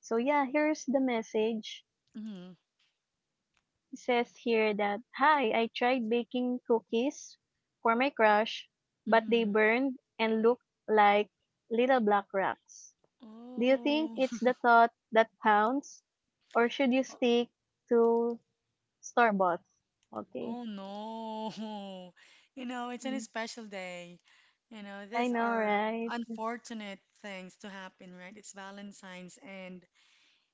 Speaker 2: so yeah, here's the message.
Speaker 1: Mm-hmm.
Speaker 2: It says here that hi, I tried baking cookies for my crush, but they
Speaker 1: Mm-hmm.
Speaker 2: burned and looked like little black rocks. Do you think
Speaker 1: Oh,
Speaker 2: it's the thought that counts, or should you stick to store bought? Okay.
Speaker 1: oh no. You know, it's an
Speaker 2: Mm.
Speaker 1: special day. You know,
Speaker 2: I
Speaker 1: these
Speaker 2: know,
Speaker 1: are
Speaker 2: right?
Speaker 1: unfortunate things to happen, right? It's Valentine's, and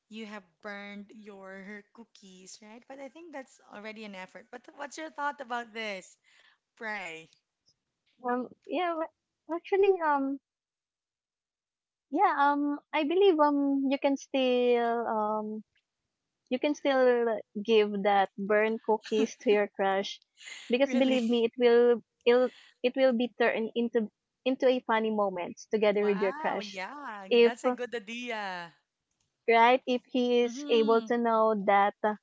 Speaker 1: you have burned your cookies, right? But I think that's already an effort. But what's your thought about this? Pray.
Speaker 2: Um, yeah, but actually, um, yeah, um, I believe um, you can still um, you can still give that burn cookies to your crush, because
Speaker 1: Really?
Speaker 2: believe me, it will it'll, it will be turned into into a funny moment together with your
Speaker 1: Wow,
Speaker 2: crush,
Speaker 1: yeah,
Speaker 2: if
Speaker 1: that's a good idea.
Speaker 2: right if he is able
Speaker 1: Mm-hmm.
Speaker 2: to know that uh,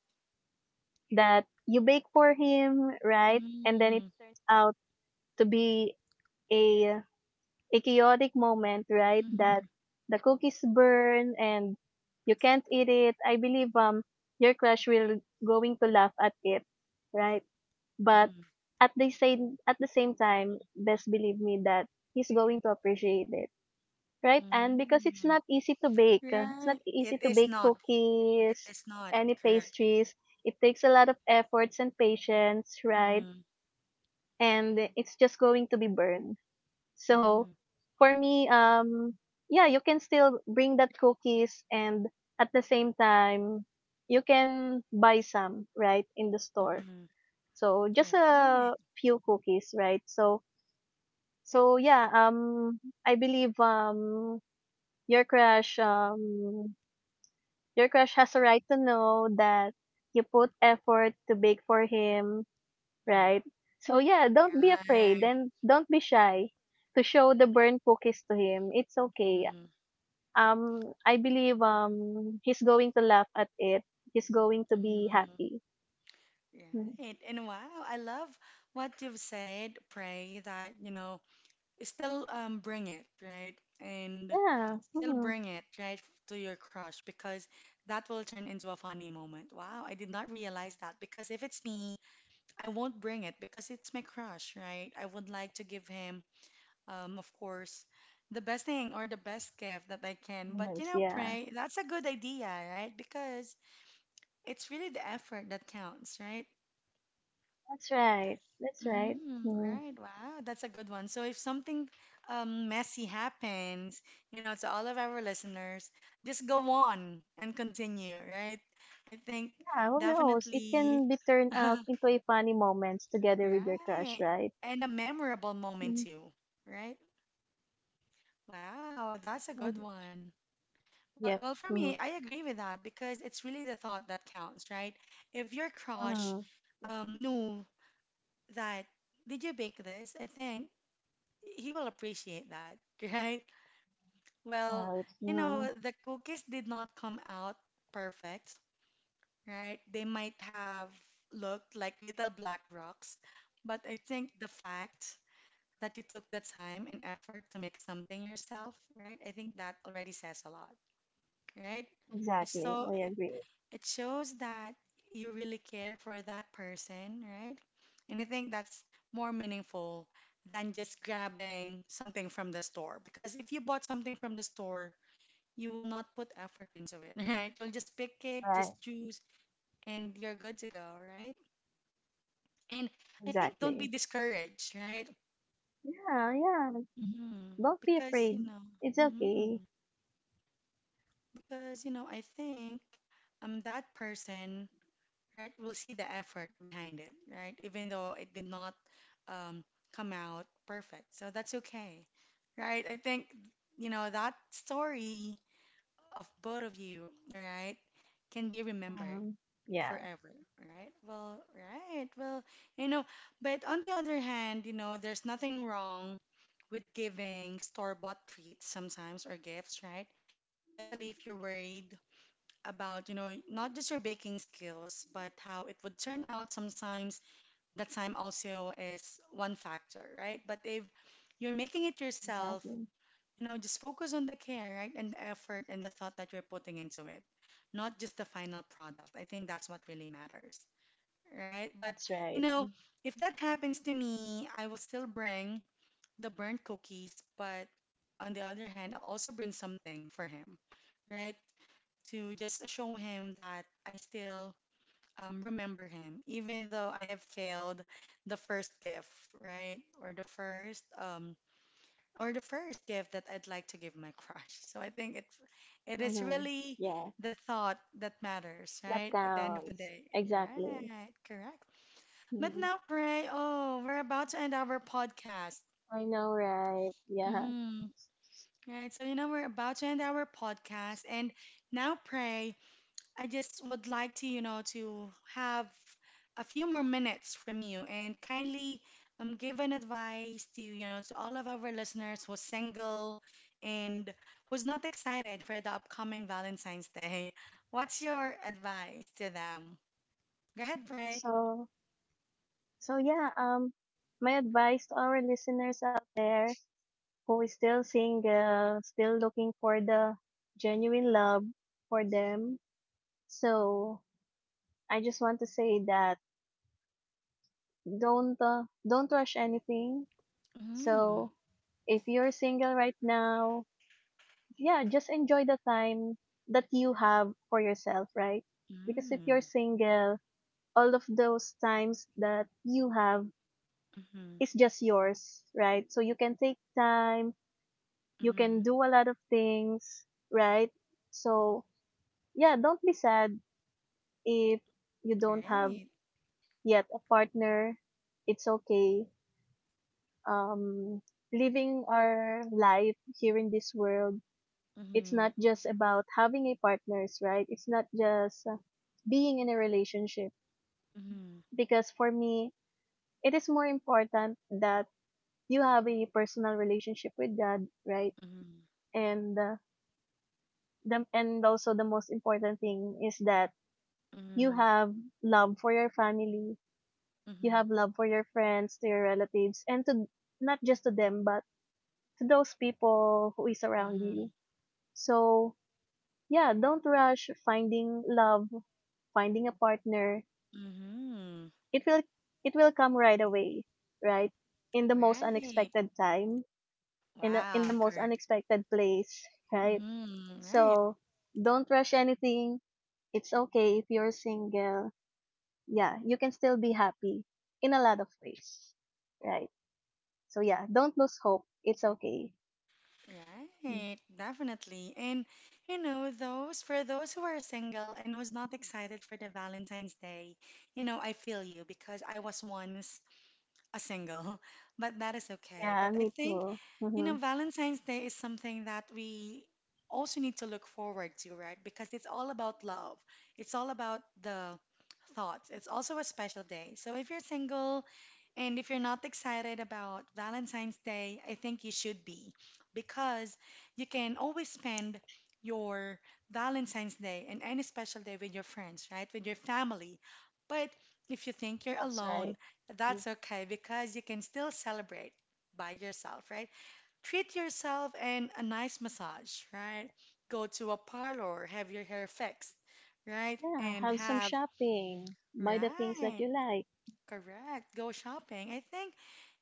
Speaker 2: that you bake for him, right? And then it
Speaker 1: Mm-hmm.
Speaker 2: turns out to be a a chaotic moment, right? That
Speaker 1: Mm-hmm.
Speaker 2: the cookies burn and you can't eat it. I believe um your crush will going to laugh at it, right? But at the same at the same time, best believe me that he's going to appreciate it. Right, and because it's
Speaker 1: Mm-hmm.
Speaker 2: not easy to bake. uh, It's not
Speaker 1: Right.
Speaker 2: easy
Speaker 1: It
Speaker 2: to
Speaker 1: is
Speaker 2: bake
Speaker 1: not. It
Speaker 2: cookies,
Speaker 1: is not
Speaker 2: any
Speaker 1: correct.
Speaker 2: pastries. It takes a lot of efforts and patience, right?
Speaker 1: Mm-hmm.
Speaker 2: And it's just going to be burned. So
Speaker 1: Mm-hmm.
Speaker 2: for me, um, yeah, you can still bring that cookies and at the same time, you can buy some, right, in the store.
Speaker 1: Mm-hmm.
Speaker 2: So just
Speaker 1: Right.
Speaker 2: a few cookies, right? So, so yeah, um, I believe, um, your crush um Your crush has a right to know that you put effort to bake for him,
Speaker 1: Mhm.
Speaker 2: right? So yeah, don't be afraid
Speaker 1: Right.
Speaker 2: and don't be shy to show the burnt cookies to him. It's okay.
Speaker 1: Mm-hmm.
Speaker 2: Um I believe um he's going to laugh at it. He's going to be
Speaker 1: Mm-hmm.
Speaker 2: happy. Mhm.
Speaker 1: Right. And wow, I love what you've said. Pray that, you know, still um, bring it, right? And
Speaker 2: Yeah.
Speaker 1: still
Speaker 2: Mhm.
Speaker 1: bring it, right, to your crush because that will turn into a funny moment. Wow, I did not realize that because if it's me, I won't bring it because it's my crush, right? I would like to give him, um, of course, the best thing or the best gift that I can. But you
Speaker 2: Nice,
Speaker 1: know,
Speaker 2: yeah.
Speaker 1: Pray, that's a good idea, right? Because it's really the effort that counts, right?
Speaker 2: That's right. That's right.
Speaker 1: Mm,
Speaker 2: Mhm.
Speaker 1: right. Wow, that's a good one. So if something um, messy happens, you know, to all of our listeners, just go on and continue, right? I think
Speaker 2: Yeah, who knows? It
Speaker 1: definitely,
Speaker 2: can be turned out
Speaker 1: right.
Speaker 2: into a funny moments together with your crush, right?
Speaker 1: And a memorable moment
Speaker 2: Mhm.
Speaker 1: too, right? Wow, that's a
Speaker 2: I
Speaker 1: good
Speaker 2: agree.
Speaker 1: one. Well,
Speaker 2: Yep.
Speaker 1: well, for me,
Speaker 2: Mhm.
Speaker 1: I agree with that because it's really the thought that counts, right? If your crush
Speaker 2: Mhm.
Speaker 1: um, knew that, did you bake this? I think he will appreciate that, right? Well,
Speaker 2: Right.
Speaker 1: you
Speaker 2: Yeah.
Speaker 1: know, the cookies did not come out perfect, right? They might have looked like little black rocks, but I think the fact that you took the time and effort to make something yourself, right? I think that already says a lot, right? It's
Speaker 2: Exactly.
Speaker 1: So
Speaker 2: I
Speaker 1: it
Speaker 2: agree.
Speaker 1: it shows that you really care for that person, right? And I think that's more meaningful than just grabbing something from the store. Because if you bought something from the store, you will not put effort into it, right? You'll just pick it,
Speaker 2: Right.
Speaker 1: just choose, and you're good to go, right? And I think don't be
Speaker 2: Exactly.
Speaker 1: discouraged, right?
Speaker 2: Yeah. Yeah. Like,
Speaker 1: hmm
Speaker 2: don't be
Speaker 1: Because, you
Speaker 2: afraid.
Speaker 1: know,
Speaker 2: It's okay.
Speaker 1: hmm because, you know, I think I'm that person, right? We'll see the effort behind it, right? Even though it did not um, come out perfect. So that's okay, right? I think, you know, that story of both of you, right, can be remembered
Speaker 2: Um. Yeah.
Speaker 1: forever, right? Well, right. Well, you know, but on the other hand, you know, there's nothing wrong with giving store-bought treats sometimes or gifts, right? Especially if you're worried about, you know, not just your baking skills, but how it would turn out sometimes. The time also is one factor, right? But if you're making it yourself,
Speaker 2: Exactly.
Speaker 1: you know, just focus on the care, right? And the effort and the thought that you're putting into it, not just the final product. I think that's what really matters, right? But,
Speaker 2: That's
Speaker 1: you
Speaker 2: right.
Speaker 1: know, if that happens to me, I will still bring the burnt cookies, but on the other hand, I'll also bring something for him, right? To just show him that I still um, remember him, even though I have failed the first gift, right? Or the first um, or the first gift that I'd like to give my crush. So I think it it is
Speaker 2: Mm-hmm.
Speaker 1: really
Speaker 2: Yeah.
Speaker 1: the thought that matters,
Speaker 2: That
Speaker 1: right? At the end of the
Speaker 2: counts.
Speaker 1: day,
Speaker 2: Exactly.
Speaker 1: right? Correct. But
Speaker 2: hmm
Speaker 1: now, pray. Oh, we're about to end our podcast.
Speaker 2: I know, right? Yeah.
Speaker 1: Mm-hmm. Right. So you know we're about to end our podcast, and now, pray. I just would like to, you know, to have a few more minutes from you and kindly um, give an advice to, you know, to all of our listeners who's single and who's not excited for the upcoming Valentine's Day. What's your advice to them? Go ahead, Bray.
Speaker 2: So. So yeah. Um. My advice to our listeners out there who is still single, still looking for the genuine love for them. So I just want to say that don't uh, don't rush anything.
Speaker 1: Mm-hmm.
Speaker 2: So if you're single right now, yeah, just enjoy the time that you have for yourself, right? Because if you're
Speaker 1: Mm-hmm.
Speaker 2: single, all of those times that you have
Speaker 1: Mm-hmm.
Speaker 2: is just yours, right? So you can take time, you
Speaker 1: Mm-hmm.
Speaker 2: can do a lot of things, right? So yeah, don't be sad if you don't have
Speaker 1: Right.
Speaker 2: yet a partner. It's okay um, living our life here in this world, it's
Speaker 1: Mm-hmm.
Speaker 2: not just about having a partners, right? It's not just uh, being in a relationship.
Speaker 1: Mm-hmm.
Speaker 2: Because for me, it is more important that you have a personal relationship with God, right?
Speaker 1: Mm-hmm.
Speaker 2: And uh, the and also the most important thing is that you
Speaker 1: Mm-hmm.
Speaker 2: have love for your family, you have love for your friends, to your relatives, and to not just to them, but to those people who is around you. So yeah, don't rush finding love finding a partner.
Speaker 1: Mm-hmm. Mm-hmm.
Speaker 2: It will it will come right away, right, in the most
Speaker 1: Right.
Speaker 2: unexpected time, in the
Speaker 1: Wow,
Speaker 2: in the most
Speaker 1: correct.
Speaker 2: unexpected place, right?
Speaker 1: Mm-hmm. Right,
Speaker 2: So don't rush anything. It's okay if you're single. Yeah, you can still be happy in a lot of ways, right? So yeah, don't lose hope. It's okay.
Speaker 1: right, definitely. And you know, those for those who are single and who's not excited for the Valentine's Day, you know, I feel you because I was once a single, but that is okay.
Speaker 2: Yeah,
Speaker 1: But I
Speaker 2: me
Speaker 1: think,
Speaker 2: too.
Speaker 1: you
Speaker 2: Hmm
Speaker 1: know, Valentine's Day is something that we also need to look forward to, right? Because it's all about love, it's all about the thoughts. It's also a special day. So if you're single and if you're not excited about Valentine's Day, I think you should be because you can always spend your Valentine's Day and any special day with your friends, right? With your family. But if you think you're
Speaker 2: that's
Speaker 1: alone,
Speaker 2: right.
Speaker 1: that's okay because you can still celebrate by yourself, right? Treat yourself and a nice massage, right? Go to a parlor, have your hair fixed, right?
Speaker 2: Yeah,
Speaker 1: And
Speaker 2: have some
Speaker 1: have,
Speaker 2: shopping, buy the things that
Speaker 1: right,
Speaker 2: you like.
Speaker 1: correct. Go shopping. I think,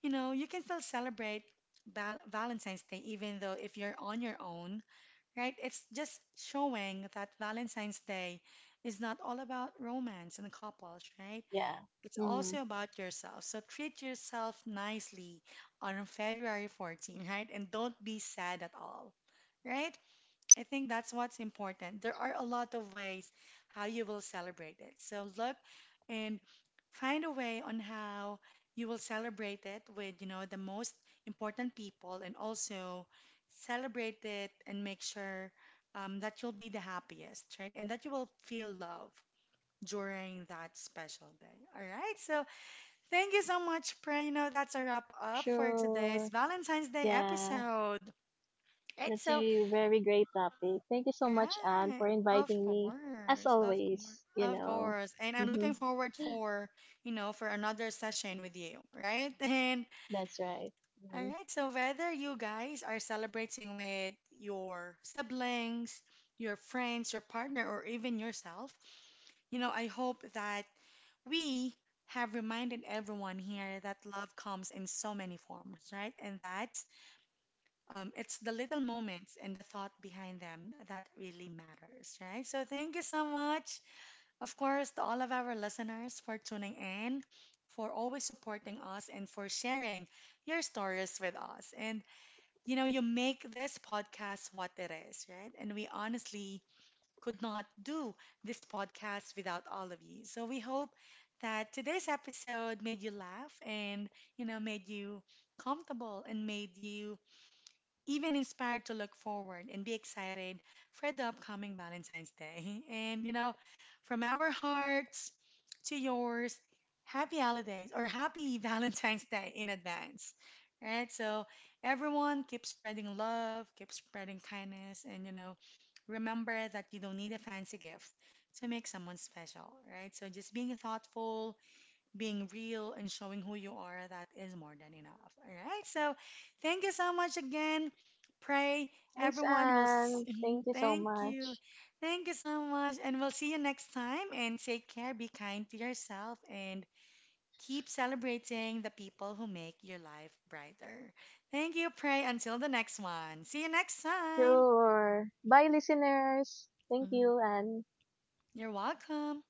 Speaker 1: you know, you can still celebrate Val Valentine's Day even though if you're on your own, right? It's just showing that Valentine's Day is not all about romance and couples, right?
Speaker 2: Yeah.
Speaker 1: It's
Speaker 2: Hmm.
Speaker 1: also about yourself. So treat yourself nicely on February fourteenth, right? And don't be sad at all, right? I think that's what's important. There are a lot of ways how you will celebrate it. So look and find a way on how you will celebrate it with, you know, the most important people and also celebrate it and make sure um, that you'll be the happiest, right? And that you will feel love during that special day. All right. So thank you so much, Prino. That's a wrap up for today's
Speaker 2: Sure.
Speaker 1: Valentine's Day
Speaker 2: Yeah.
Speaker 1: episode. It's
Speaker 2: That's
Speaker 1: so,
Speaker 2: a very great topic. Thank you so
Speaker 1: right.
Speaker 2: much, Anne, for
Speaker 1: Of
Speaker 2: inviting me. As
Speaker 1: course, of course,
Speaker 2: always, you
Speaker 1: of
Speaker 2: know.
Speaker 1: course. And I'm
Speaker 2: hmm
Speaker 1: looking forward for, you know, for another session with you, right? And
Speaker 2: That's right.
Speaker 1: all
Speaker 2: Mhm.
Speaker 1: right, so whether you guys are celebrating with your siblings, your friends, your partner, or even yourself, you know, I hope that we have reminded everyone here that love comes in so many forms, right? And that's um, it's the little moments and the thought behind them that really matters, right? So thank you so much, of course, to all of our listeners for tuning in, for always supporting us, and for sharing your stories with us. And you know, you make this podcast what it is, right? And we honestly could not do this podcast without all of you. So we hope that today's episode made you laugh and, you know, made you comfortable and made you even inspired to look forward and be excited for the upcoming Valentine's Day. And, you know, from our hearts to yours, happy holidays or happy Valentine's Day in advance. Right? So everyone keep spreading love, keep spreading kindness, and, you know, remember that you don't need a fancy gift to make someone special, right? So just being thoughtful, being real, and showing who you are, that is more than enough. All right. So thank you so much again. Pray
Speaker 2: Thanks,
Speaker 1: everyone will. S-
Speaker 2: Anne.
Speaker 1: Mhm,
Speaker 2: Thank you so
Speaker 1: thank you.
Speaker 2: much.
Speaker 1: Thank you so much. And we'll see you next time. And take care, be kind to yourself, and keep celebrating the people who make your life brighter. Thank you, Pray. Until the next one. See you next time.
Speaker 2: Sure. Bye, listeners. Thank
Speaker 1: Mhm.
Speaker 2: you, Anne.
Speaker 1: You're welcome.